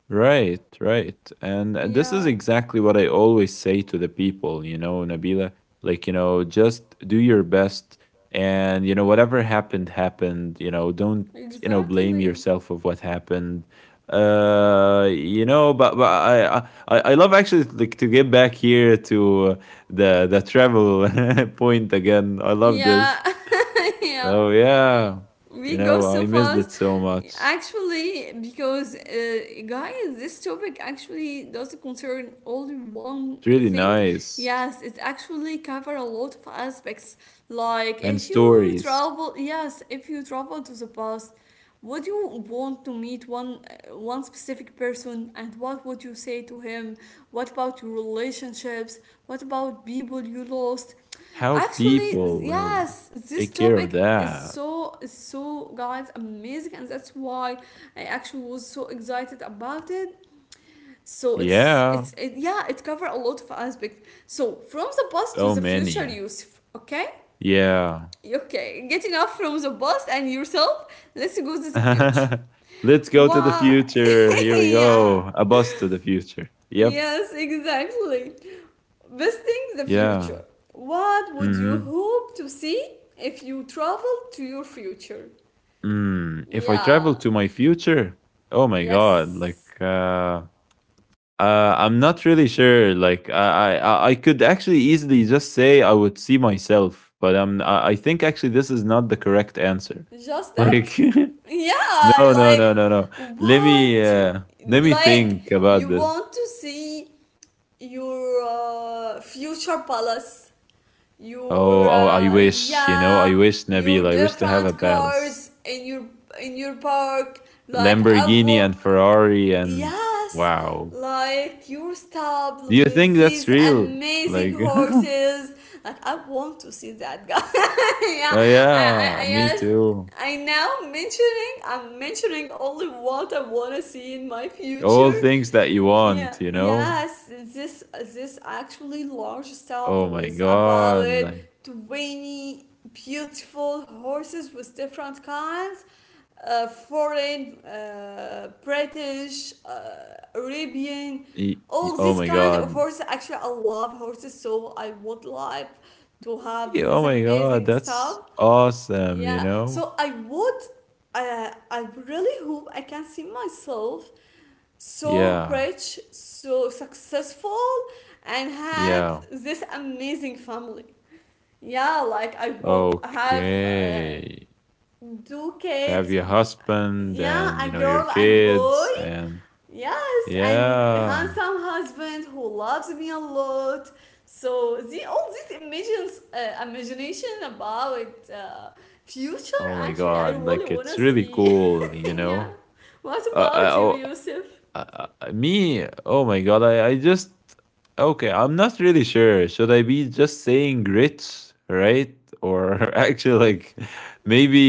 Speaker 2: Right, right. And this
Speaker 1: Yeah,
Speaker 2: is exactly what I always say to the people, you know, Nabila, like, you know, just do your best and, you know, whatever happened, happened, you know, don't, you know, blame
Speaker 1: exactly.
Speaker 2: yourself of what happened. You know, but I love actually like to get back here to the travel point again. I love
Speaker 1: Yeah,
Speaker 2: this.
Speaker 1: yeah.
Speaker 2: Oh yeah.
Speaker 1: We
Speaker 2: You
Speaker 1: go
Speaker 2: know,
Speaker 1: so
Speaker 2: I missed
Speaker 1: fast
Speaker 2: it so much.
Speaker 1: actually, because, guys, this topic actually doesn't concern only
Speaker 2: It's
Speaker 1: one
Speaker 2: really
Speaker 1: thing.
Speaker 2: nice.
Speaker 1: Yes, it actually cover a lot of aspects. Like
Speaker 2: And
Speaker 1: if you
Speaker 2: stories.
Speaker 1: travel, yes, if you travel to the past, would you want to meet one, one specific person, and what would you say to him? What about your relationships? What about people you lost?
Speaker 2: How
Speaker 1: Actually,
Speaker 2: people will
Speaker 1: yes, this
Speaker 2: take care of
Speaker 1: topic is
Speaker 2: that.
Speaker 1: so, is so, guys, amazing, and that's why I actually was so excited about it. So it's
Speaker 2: Yeah,
Speaker 1: it's it, yeah, it covers a lot of aspects. So from the past to
Speaker 2: so
Speaker 1: the future,
Speaker 2: many.
Speaker 1: Yusuf. Okay,
Speaker 2: Yeah.
Speaker 1: okay, get enough from the past and yourself. Let's go to the future.
Speaker 2: Let's go to the
Speaker 1: Why?
Speaker 2: future. Here we
Speaker 1: Yeah.
Speaker 2: go. A bus to the future. Yep.
Speaker 1: Yes, exactly. Visiting the
Speaker 2: Yeah.
Speaker 1: future. What would you
Speaker 2: hmm
Speaker 1: hope to see if you traveled to your future?
Speaker 2: Mm. If I travel
Speaker 1: Yeah,
Speaker 2: to my future, oh my god, like
Speaker 1: yes.
Speaker 2: I'm not really sure. Like I could actually easily just say I would see myself, but I think actually this is not the correct answer.
Speaker 1: Just that?
Speaker 2: Like
Speaker 1: Yeah,
Speaker 2: no, no, no,
Speaker 1: like
Speaker 2: no, no. Let me
Speaker 1: what?
Speaker 2: uh, let me
Speaker 1: Like
Speaker 2: think about
Speaker 1: you
Speaker 2: this.
Speaker 1: want to see your future palace,
Speaker 2: Oh,
Speaker 1: your
Speaker 2: oh, I wish, you know,
Speaker 1: yeah,
Speaker 2: I wish, Nabil,
Speaker 1: your
Speaker 2: I wish to have a
Speaker 1: different
Speaker 2: palace,
Speaker 1: cars in your park. Like I
Speaker 2: Lamborghini
Speaker 1: want.
Speaker 2: and Ferrari, and
Speaker 1: Yes,
Speaker 2: wow.
Speaker 1: like your
Speaker 2: Do
Speaker 1: stable
Speaker 2: you
Speaker 1: with
Speaker 2: think that's
Speaker 1: these
Speaker 2: real?
Speaker 1: amazing
Speaker 2: Like, oh
Speaker 1: horses. Like I want to see that guy. Yeah, I, I,
Speaker 2: yeah,
Speaker 1: I
Speaker 2: me
Speaker 1: yes.
Speaker 2: too.
Speaker 1: I now mentioning. I'm mentioning only what I wanna see in my
Speaker 2: All
Speaker 1: future.
Speaker 2: things that you
Speaker 1: Yeah,
Speaker 2: want, you know.
Speaker 1: yes, this actually large
Speaker 2: Oh
Speaker 1: stable
Speaker 2: my
Speaker 1: is about
Speaker 2: god, like,
Speaker 1: 20 beautiful horses with different kinds, foreign, British, Arabian, all
Speaker 2: oh
Speaker 1: these
Speaker 2: my
Speaker 1: kind of
Speaker 2: god,
Speaker 1: horses. Actually, I love horses, so I would like to have
Speaker 2: Oh
Speaker 1: this
Speaker 2: my god,
Speaker 1: amazing
Speaker 2: that's
Speaker 1: stuff.
Speaker 2: awesome, you
Speaker 1: Yeah,
Speaker 2: know.
Speaker 1: so I would, I really hope I can see myself so
Speaker 2: Yeah,
Speaker 1: rich, so successful, and
Speaker 2: yeah.
Speaker 1: have this amazing family. Yeah, like I would have,
Speaker 2: Okay.
Speaker 1: two
Speaker 2: To have
Speaker 1: kids,
Speaker 2: your husband
Speaker 1: yeah,
Speaker 2: and you
Speaker 1: a
Speaker 2: know your
Speaker 1: girl and boy.
Speaker 2: kids and
Speaker 1: Yes, and
Speaker 2: yeah.
Speaker 1: handsome husband who loves me a lot. So the all these imagines, imagination about future.
Speaker 2: Oh my
Speaker 1: Actually, I
Speaker 2: god,
Speaker 1: really
Speaker 2: like it's
Speaker 1: wanna
Speaker 2: really
Speaker 1: see.
Speaker 2: cool, you
Speaker 1: Yeah.
Speaker 2: know.
Speaker 1: What about you,
Speaker 2: Uh,
Speaker 1: Yusuf?
Speaker 2: me, oh my god, I just okay, I'm not really sure, should I be just saying rich, right? Or actually, like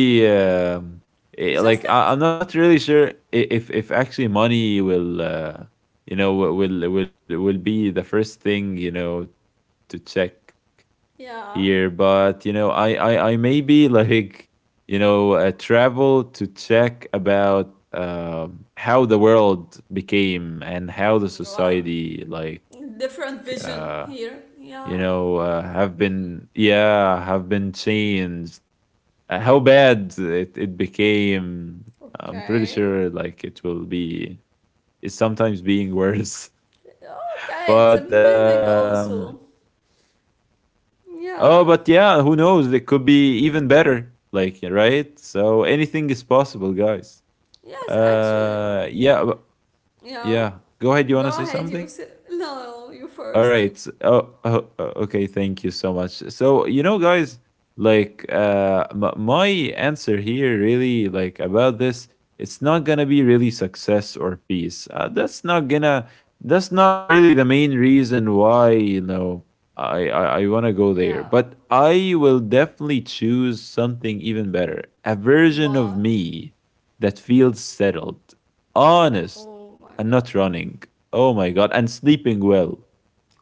Speaker 1: Yeah. Just
Speaker 2: like
Speaker 1: it.
Speaker 2: I'm not really sure if actually money will you know will be the first thing, you know, to check here. But you know
Speaker 1: Yeah.
Speaker 2: I maybe like you know, travel to check about how the world became and how the society,
Speaker 1: Wow.
Speaker 2: like,
Speaker 1: Different
Speaker 2: you know,
Speaker 1: vision here.
Speaker 2: have
Speaker 1: Yeah.
Speaker 2: been, yeah, have been changed. How bad it became. I'm pretty sure, like,
Speaker 1: Okay.
Speaker 2: it's sometimes being worse. But,
Speaker 1: Okay, it's amazing also.
Speaker 2: oh, but yeah, who
Speaker 1: Yeah.
Speaker 2: knows? It could be even better. Like, right? So anything is possible, guys.
Speaker 1: Yes,
Speaker 2: Uh,
Speaker 1: actually.
Speaker 2: yeah, w- yeah.
Speaker 1: Yeah.
Speaker 2: Go ahead. You want to say
Speaker 1: Go ahead,
Speaker 2: something?
Speaker 1: you. No, no, you
Speaker 2: All right.
Speaker 1: first.
Speaker 2: So, okay. Thank you so much. So, you know, guys, like, my answer here really, like, about this, it's not gonna be really success or peace. That's not really the main reason why, you know, I wanna go there.
Speaker 1: Yeah.
Speaker 2: But I will definitely choose something even better. A version of
Speaker 1: What?
Speaker 2: me that feels settled, honest,
Speaker 1: Oh my
Speaker 2: and
Speaker 1: god.
Speaker 2: not running. Oh my god, and sleeping well.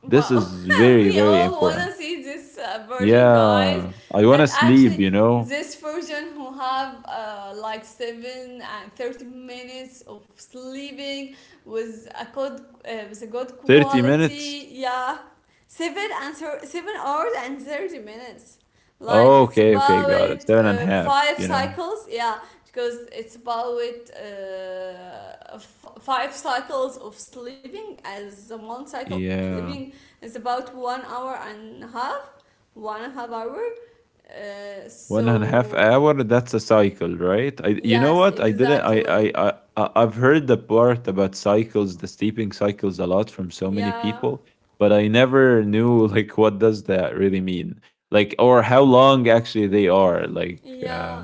Speaker 2: This
Speaker 1: Wow,
Speaker 2: is very,
Speaker 1: we
Speaker 2: very
Speaker 1: all
Speaker 2: important.
Speaker 1: wanna see this version, guys.
Speaker 2: Yeah, I want
Speaker 1: That
Speaker 2: to sleep,
Speaker 1: actually,
Speaker 2: you know?
Speaker 1: this version who have like 7:30 of sleeping with a good, with a good
Speaker 2: 30 minutes?
Speaker 1: quality. Yeah, 7 hours and 30 minutes. Like it's
Speaker 2: Okay, okay, got it.
Speaker 1: about
Speaker 2: Seven and a half,
Speaker 1: five
Speaker 2: you know?
Speaker 1: cycles. Yeah, because it's about five cycles of sleeping, as one cycle of
Speaker 2: Yeah.
Speaker 1: sleeping it's about 1 hour and a half, one and a half hour.
Speaker 2: One and a half
Speaker 1: So,
Speaker 2: hour, that's a cycle, right? You know
Speaker 1: yes,
Speaker 2: what? I didn't,
Speaker 1: exactly.
Speaker 2: I- I've heard the part about cycles, the sleeping cycles a lot from so many
Speaker 1: Yeah,
Speaker 2: people, but I never knew, like, what does that really mean? Like, or how long actually they are. Like,
Speaker 1: yeah.
Speaker 2: uh,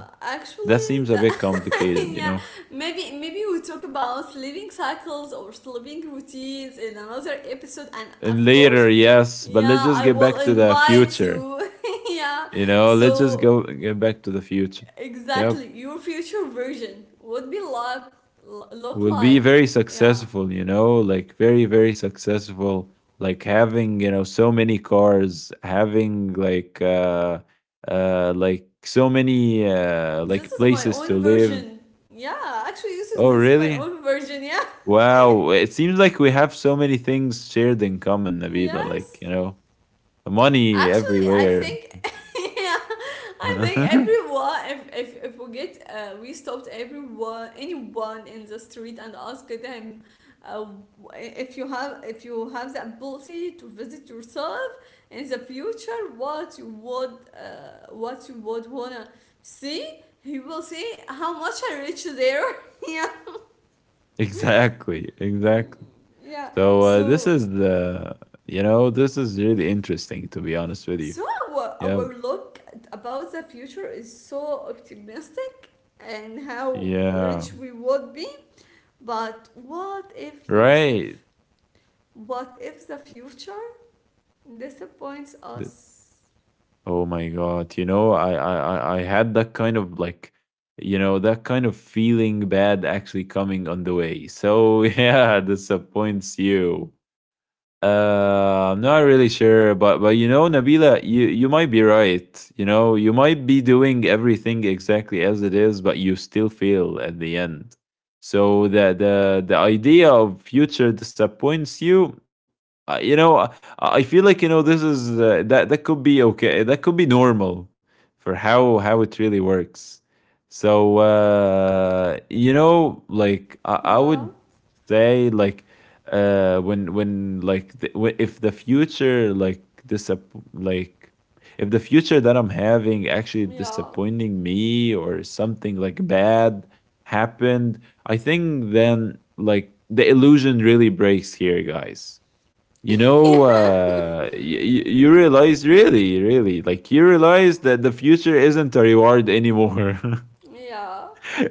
Speaker 2: that
Speaker 1: Actually,
Speaker 2: seems a
Speaker 1: the,
Speaker 2: bit complicated, you
Speaker 1: yeah.
Speaker 2: know?
Speaker 1: Maybe, maybe we talk about sleeping cycles or sleeping routines in another episode, and
Speaker 2: And
Speaker 1: of course,
Speaker 2: later, yes, but let's
Speaker 1: yeah,
Speaker 2: just
Speaker 1: I
Speaker 2: get
Speaker 1: will
Speaker 2: back to the
Speaker 1: invite
Speaker 2: future.
Speaker 1: you. Yeah.
Speaker 2: You know, let's just
Speaker 1: So
Speaker 2: go get back to the future. Yep.
Speaker 1: exactly, your future version would be like, look
Speaker 2: We'll be
Speaker 1: like.
Speaker 2: very
Speaker 1: Yeah.
Speaker 2: successful, you know, like very, very successful. Like having, you know, so many cars, having like so many
Speaker 1: This
Speaker 2: like
Speaker 1: is my
Speaker 2: places to
Speaker 1: own
Speaker 2: live.
Speaker 1: version. Yeah, actually, Yusuf,
Speaker 2: Oh
Speaker 1: this is my
Speaker 2: really?
Speaker 1: own version. Yeah.
Speaker 2: Wow. It seems like we have so many things shared in common, Nabila, like, you
Speaker 1: Yes.
Speaker 2: know, money
Speaker 1: Actually, I
Speaker 2: everywhere.
Speaker 1: think, yeah, I think everyone, if if we get, we stopped everyone, anyone in the street and asked them, uh, if you have, if you have the ability to visit yourself in the future, what you would, what you would wanna see, he will see how much I reach there. Yeah.
Speaker 2: Exactly, exactly.
Speaker 1: Yeah.
Speaker 2: So
Speaker 1: So
Speaker 2: you know, this is really interesting to be honest with you.
Speaker 1: so
Speaker 2: Yeah,
Speaker 1: our look about the future is so optimistic and how
Speaker 2: yeah,
Speaker 1: rich we would be. But what if,
Speaker 2: right.
Speaker 1: Yusuf? What if the future disappoints
Speaker 2: Th-
Speaker 1: us?
Speaker 2: Oh my God, you know, I had that kind of like, you know, that kind of feeling bad actually coming on the way. So yeah, disappoints you. I'm not really sure, but you know, Nabila, you might be right. You know, you might be doing everything exactly as it is, but you still fail at the end. So the idea of future disappoints you. You know, I feel like, you know, this is that that could be okay. That could be normal for how it really works. So you know, like I
Speaker 1: Yeah.
Speaker 2: would say, like when like the, wh- if the future like disapp- like if the future that I'm having actually
Speaker 1: Yeah.
Speaker 2: disappointing me or something like bad happened, I think then like the illusion really breaks here, guys. you know uh y- y- you realize, really, really, like, you realize that the future isn't a reward anymore.
Speaker 1: Yeah.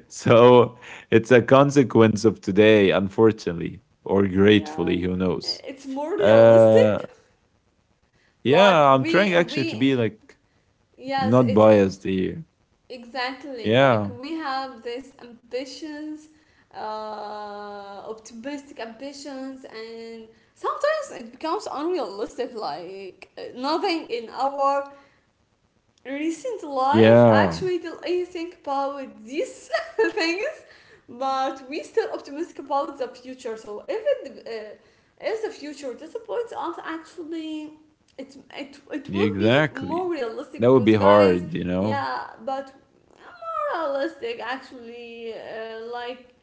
Speaker 2: So it's a consequence of today, unfortunately, or
Speaker 1: Yeah.
Speaker 2: gratefully, who knows?
Speaker 1: It's more
Speaker 2: Uh,
Speaker 1: realistic. Like
Speaker 2: yeah, I'm
Speaker 1: we
Speaker 2: trying actually to
Speaker 1: we
Speaker 2: be like
Speaker 1: yes,
Speaker 2: not
Speaker 1: it's.
Speaker 2: biased here.
Speaker 1: Exactly, like
Speaker 2: Yeah,
Speaker 1: we have this ambitions, uh, optimistic ambitions, and sometimes it becomes unrealistic. Like, nothing in our recent life
Speaker 2: yeah,
Speaker 1: actually did anything about these things, but we still optimistic about the future. So if it, if the future disappoints us, actually, it would be
Speaker 2: exactly.
Speaker 1: more realistic
Speaker 2: That would be
Speaker 1: because guys.
Speaker 2: hard, you know?
Speaker 1: Yeah, but realistic actually, like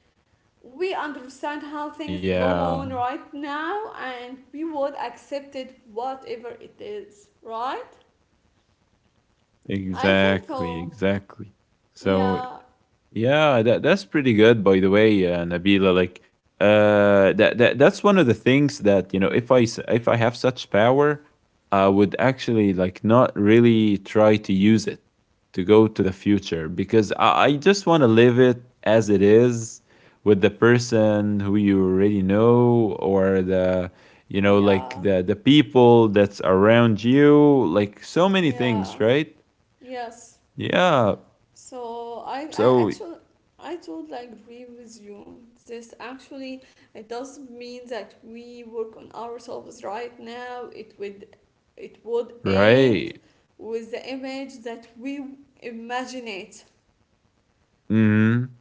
Speaker 1: we understand how things go on
Speaker 2: Yeah,
Speaker 1: right now, and we would accept it whatever it is, right?
Speaker 2: exactly,
Speaker 1: I think
Speaker 2: exactly.
Speaker 1: so.
Speaker 2: So
Speaker 1: Yeah,
Speaker 2: yeah, that's pretty good, by the way, Nabila. Like, that's one of the things that, you know, if I have such power, I would actually like not really try to use it to go to the future because I just want to live it as it is with the person who you already know, or the you know, like
Speaker 1: yeah,
Speaker 2: the people that's around you, like so many
Speaker 1: yeah,
Speaker 2: things, right?
Speaker 1: yes.
Speaker 2: Yeah.
Speaker 1: So I
Speaker 2: So
Speaker 1: actually, I totally agree with you. This actually, it does mean that we work on ourselves right now. It would, it would end
Speaker 2: right.
Speaker 1: with the image that we imagine it,
Speaker 2: Hmm.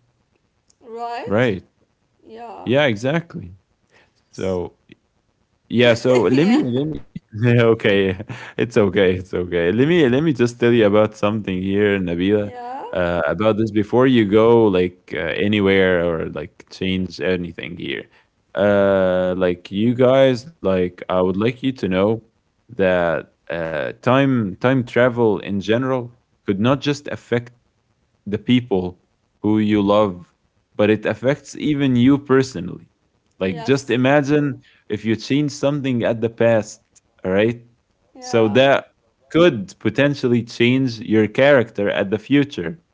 Speaker 1: right?
Speaker 2: Right.
Speaker 1: Yeah.
Speaker 2: Yeah, exactly.
Speaker 1: S-
Speaker 2: So yeah, so
Speaker 1: yeah.
Speaker 2: let me okay. It's okay, it's okay. Let me just tell you about something here, Nabila,
Speaker 1: Yeah.
Speaker 2: about this before you go like anywhere or like change anything here. Uh, like, you guys, like, I would like you to know that time travel in general could not just affect the people who you love, but it affects even you personally. Like, just
Speaker 1: Yes.
Speaker 2: imagine if you change something at the past, all right?
Speaker 1: Yeah.
Speaker 2: So that could potentially change your character at the future.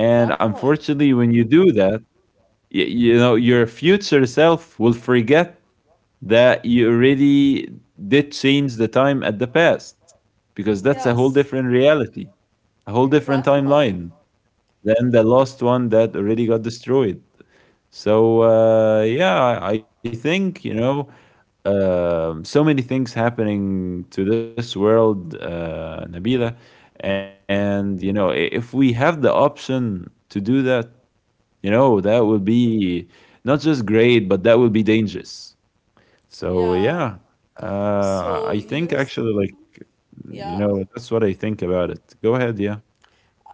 Speaker 2: And unfortunately, when you do that, you know, your future self will forget that you already did change the time at the past, because that's a whole
Speaker 1: Yes.
Speaker 2: different reality, a whole different
Speaker 1: Exactly.
Speaker 2: timeline. Then the
Speaker 1: Uh,
Speaker 2: last one that already got destroyed. So yeah, I think, you know, so many things happening to this world, Nabila, and you know if we have the option to do that, you know, that would be not just great, but that would be dangerous. So
Speaker 1: Yeah.
Speaker 2: yeah,
Speaker 1: So
Speaker 2: I think
Speaker 1: use,
Speaker 2: actually, like, you
Speaker 1: yeah.
Speaker 2: know, that's what I think about it. Go ahead, yeah,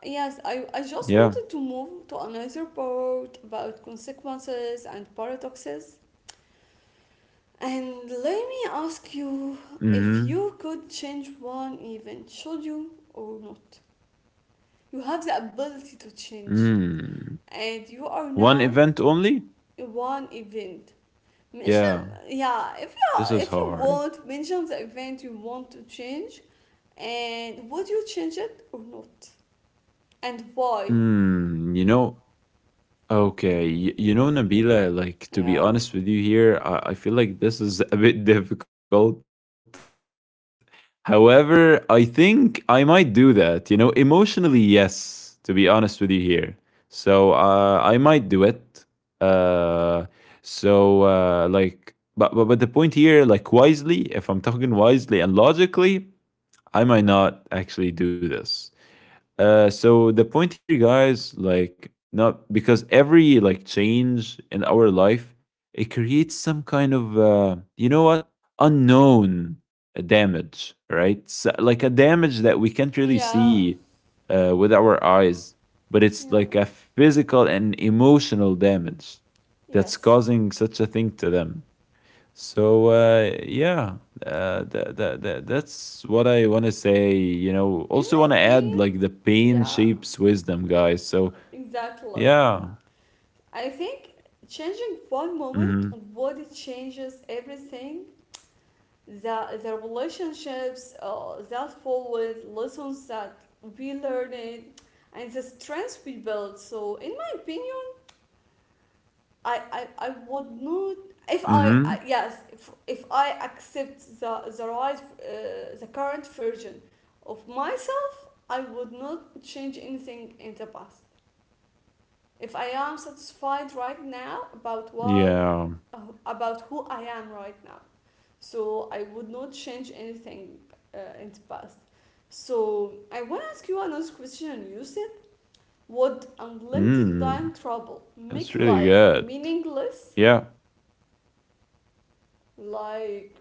Speaker 1: Yes, I just
Speaker 2: yeah.
Speaker 1: wanted to move to another part about consequences and paradoxes. And let me ask you, if
Speaker 2: Mm-hmm.
Speaker 1: you could change one event, should you or not? You have the ability to change,
Speaker 2: Mm.
Speaker 1: and you are
Speaker 2: One
Speaker 1: now
Speaker 2: event only?
Speaker 1: one event. Mention,
Speaker 2: Yeah,
Speaker 1: yeah, if you,
Speaker 2: this is
Speaker 1: if you
Speaker 2: hard.
Speaker 1: want, mention the event you want to change, and would you change it or not, and why?
Speaker 2: Hmm, you know, okay, you know, Nabila, like, to
Speaker 1: Yeah,
Speaker 2: be honest with you here, I feel like this is a bit difficult. However, I think I might do that, you know, emotionally, yes, to be honest with you here. So I might do it. Uh, like, but the point here, like, wisely, if I'm talking wisely and logically, I might not actually do this. So the point here, guys, like, not because every like change in our life, it creates some kind of you know what, unknown damage, right? So, like, a damage that we can't really
Speaker 1: yeah,
Speaker 2: see with our eyes, but it's
Speaker 1: yeah.
Speaker 2: like a physical and emotional damage that's
Speaker 1: Yes.
Speaker 2: causing such a thing to them. So yeah, that's what I want to say. You know,
Speaker 1: In
Speaker 2: also
Speaker 1: my
Speaker 2: want to add,
Speaker 1: opinion,
Speaker 2: like, the pain
Speaker 1: yeah,
Speaker 2: shapes wisdom, guys. So
Speaker 1: exactly.
Speaker 2: yeah,
Speaker 1: I think changing one moment on
Speaker 2: mm-hmm,
Speaker 1: body changes everything. The relationships that followed, lessons that we learned, and the strengths we built. So, in my opinion, I would not. If I,
Speaker 2: mm-hmm,
Speaker 1: I yes, if I accept the right the current version of myself, I would not change anything in the past. If I am satisfied right now about what,
Speaker 2: yeah,
Speaker 1: uh, about who I am right now. So I would not change anything in the past. So I want to ask you another question, Yusuf. Would unlimited
Speaker 2: mm,
Speaker 1: time travel
Speaker 2: that's
Speaker 1: make
Speaker 2: really
Speaker 1: life
Speaker 2: good.
Speaker 1: meaningless?
Speaker 2: Yeah,
Speaker 1: Like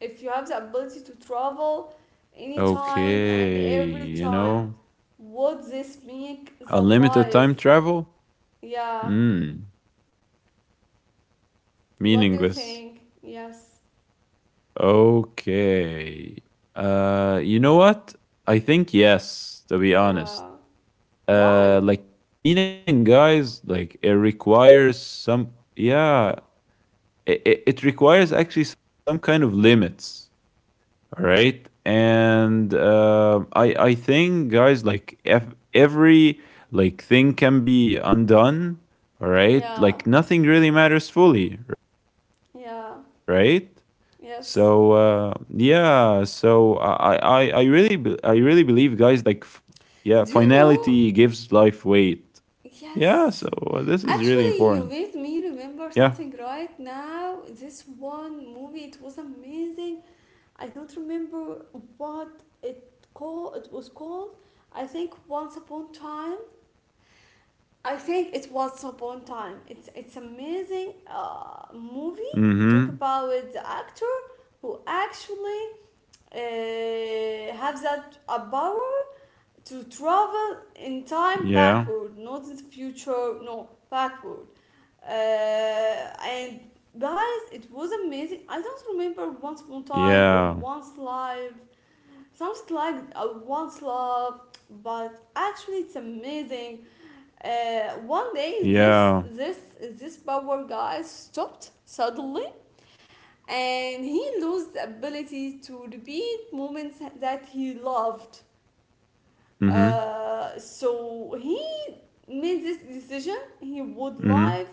Speaker 1: if you have the ability to travel anytime and
Speaker 2: okay,
Speaker 1: every
Speaker 2: you
Speaker 1: time,
Speaker 2: know,
Speaker 1: would this make the
Speaker 2: unlimited time
Speaker 1: life?
Speaker 2: travel,
Speaker 1: Yeah.
Speaker 2: mm,
Speaker 1: What do you
Speaker 2: meaningless.
Speaker 1: think? Yes.
Speaker 2: Okay, you know what? I think yes. To be
Speaker 1: Yeah.
Speaker 2: honest,
Speaker 1: Why?
Speaker 2: like meaning, guys, like, it requires some, yeah, it requires actually some kind of limits, all right? And I think, guys, like, if every thing can be undone, all right,
Speaker 1: Yeah,
Speaker 2: like nothing really matters fully, right?
Speaker 1: yeah,
Speaker 2: So
Speaker 1: yes.
Speaker 2: yeah, so I really believe, guys, like yeah, finality
Speaker 1: Do you
Speaker 2: gives
Speaker 1: know?
Speaker 2: life weight. Yeah, so this is
Speaker 1: Yes.
Speaker 2: really important.
Speaker 1: Actually, you made me
Speaker 2: Yeah.
Speaker 1: remember something right now. This one movie, it was amazing. I don't remember what it called. It was called. I think Once Upon Time. I think it was Upon Time. It's amazing
Speaker 2: Mm-hmm.
Speaker 1: movie. Talk about the actor who actually have that power to
Speaker 2: Yeah.
Speaker 1: travel in time backward, not in the future, no, backward. And guys, it was amazing. I don't remember
Speaker 2: Yeah.
Speaker 1: Once Upon a Time or Once Life. Something like Once Love, but actually it's amazing. Uh, One
Speaker 2: Yeah.
Speaker 1: day, this power guy stopped suddenly, and he lost the ability to repeat moments that he
Speaker 2: Mm-hmm.
Speaker 1: loved. So he made this
Speaker 2: Mm-hmm.
Speaker 1: decision. He would live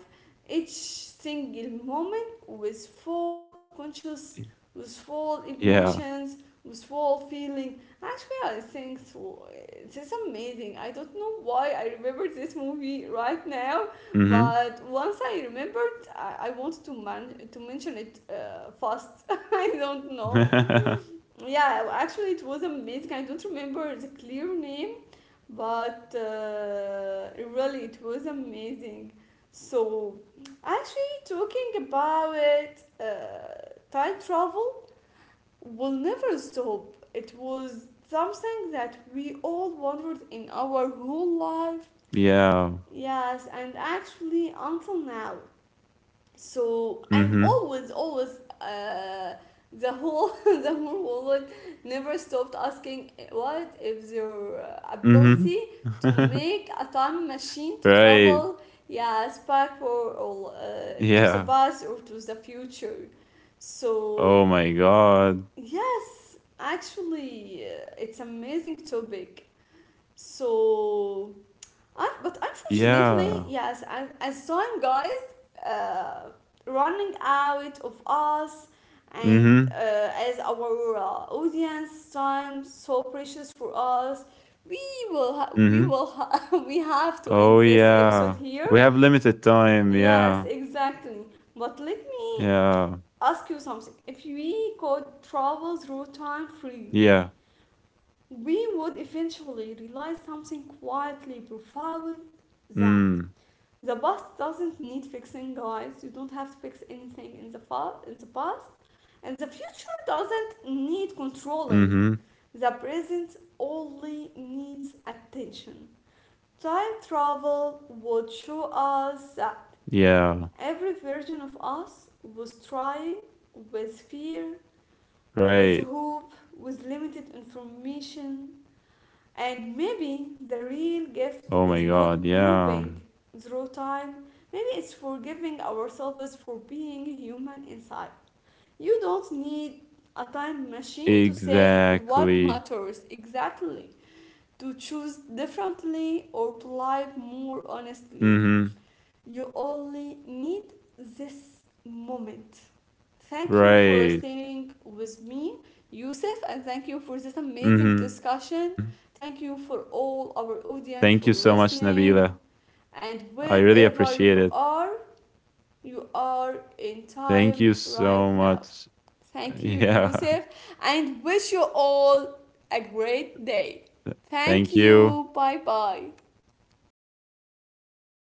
Speaker 1: each single moment with full conscious, with
Speaker 2: Yeah.
Speaker 1: full emotions, with full feeling. Actually, I think so. This is amazing. I don't know why I remember this movie right now,
Speaker 2: Mm-hmm.
Speaker 1: but once I remembered, I wanted to to mention it fast. I don't know. Yeah, actually, it was amazing. I don't remember the clear name, but really it was
Speaker 2: yeah.
Speaker 1: amazing. So actually
Speaker 2: That, that,
Speaker 1: talking
Speaker 2: that's
Speaker 1: about uh,
Speaker 2: amazing.
Speaker 1: time travel will never stop. It was something that we all wondered in our whole life,
Speaker 2: Yeah.
Speaker 1: yes, and actually until now. So, and
Speaker 2: Mm-hmm.
Speaker 1: always, always, the whole the whole world never stopped asking, eh, what if their ability
Speaker 2: Mm-hmm.
Speaker 1: to make a time machine to
Speaker 2: right.
Speaker 1: travel, yes, back, or to the
Speaker 2: Yeah.
Speaker 1: past or to the future. So,
Speaker 2: Oh my god.
Speaker 1: yes, actually, it's amazing topic. So, I, but
Speaker 2: Yeah.
Speaker 1: unfortunately, yes, I saw him, guys, uh, running out of us, and
Speaker 2: Mm-hmm.
Speaker 1: as our audience time so precious for us, we will we
Speaker 2: Mm-hmm.
Speaker 1: will we have to
Speaker 2: Oh
Speaker 1: end this episode
Speaker 2: yeah.
Speaker 1: here.
Speaker 2: We have limited time. Yeah.
Speaker 1: Yes, exactly. But let me
Speaker 2: Yeah.
Speaker 1: ask you something. If we could travel through time freely,
Speaker 2: Yeah.
Speaker 1: we would eventually realize something
Speaker 2: Mm.
Speaker 1: quietly profound, that the past doesn't need fixing, guys. You don't have to fix anything in the in the past, and the future doesn't need
Speaker 2: Mhm.
Speaker 1: controlling. The present only needs attention. Time travel would show us that
Speaker 2: Yeah.
Speaker 1: every version of us was trying with fear, with
Speaker 2: Right.
Speaker 1: hope, with limited information, and maybe the real gift is
Speaker 2: Oh my
Speaker 1: not
Speaker 2: god.
Speaker 1: moving
Speaker 2: Yeah.
Speaker 1: through time. Maybe it's forgiving ourselves for being human inside. You don't need a time machine to say what
Speaker 2: Exactly.
Speaker 1: matters exactly, to choose differently, or to live more honestly.
Speaker 2: Mhm.
Speaker 1: You only need this moment.
Speaker 2: Right.
Speaker 1: Thank you for staying with me, Yusuf, and thank you
Speaker 2: Mhm.
Speaker 1: for this amazing discussion. Thank
Speaker 2: Thank you
Speaker 1: you
Speaker 2: so
Speaker 1: for
Speaker 2: much,
Speaker 1: all our
Speaker 2: Nabila.
Speaker 1: audience for
Speaker 2: I really
Speaker 1: listening.
Speaker 2: appreciate it.
Speaker 1: And wherever you
Speaker 2: Thank you
Speaker 1: are
Speaker 2: so
Speaker 1: in
Speaker 2: much.
Speaker 1: time right now.
Speaker 2: Yeah.
Speaker 1: Thank you, Yusuf, and wish you all a great
Speaker 2: Thank
Speaker 1: day.
Speaker 2: you.
Speaker 1: Thank you. Bye bye.
Speaker 2: Have a great day, everyone.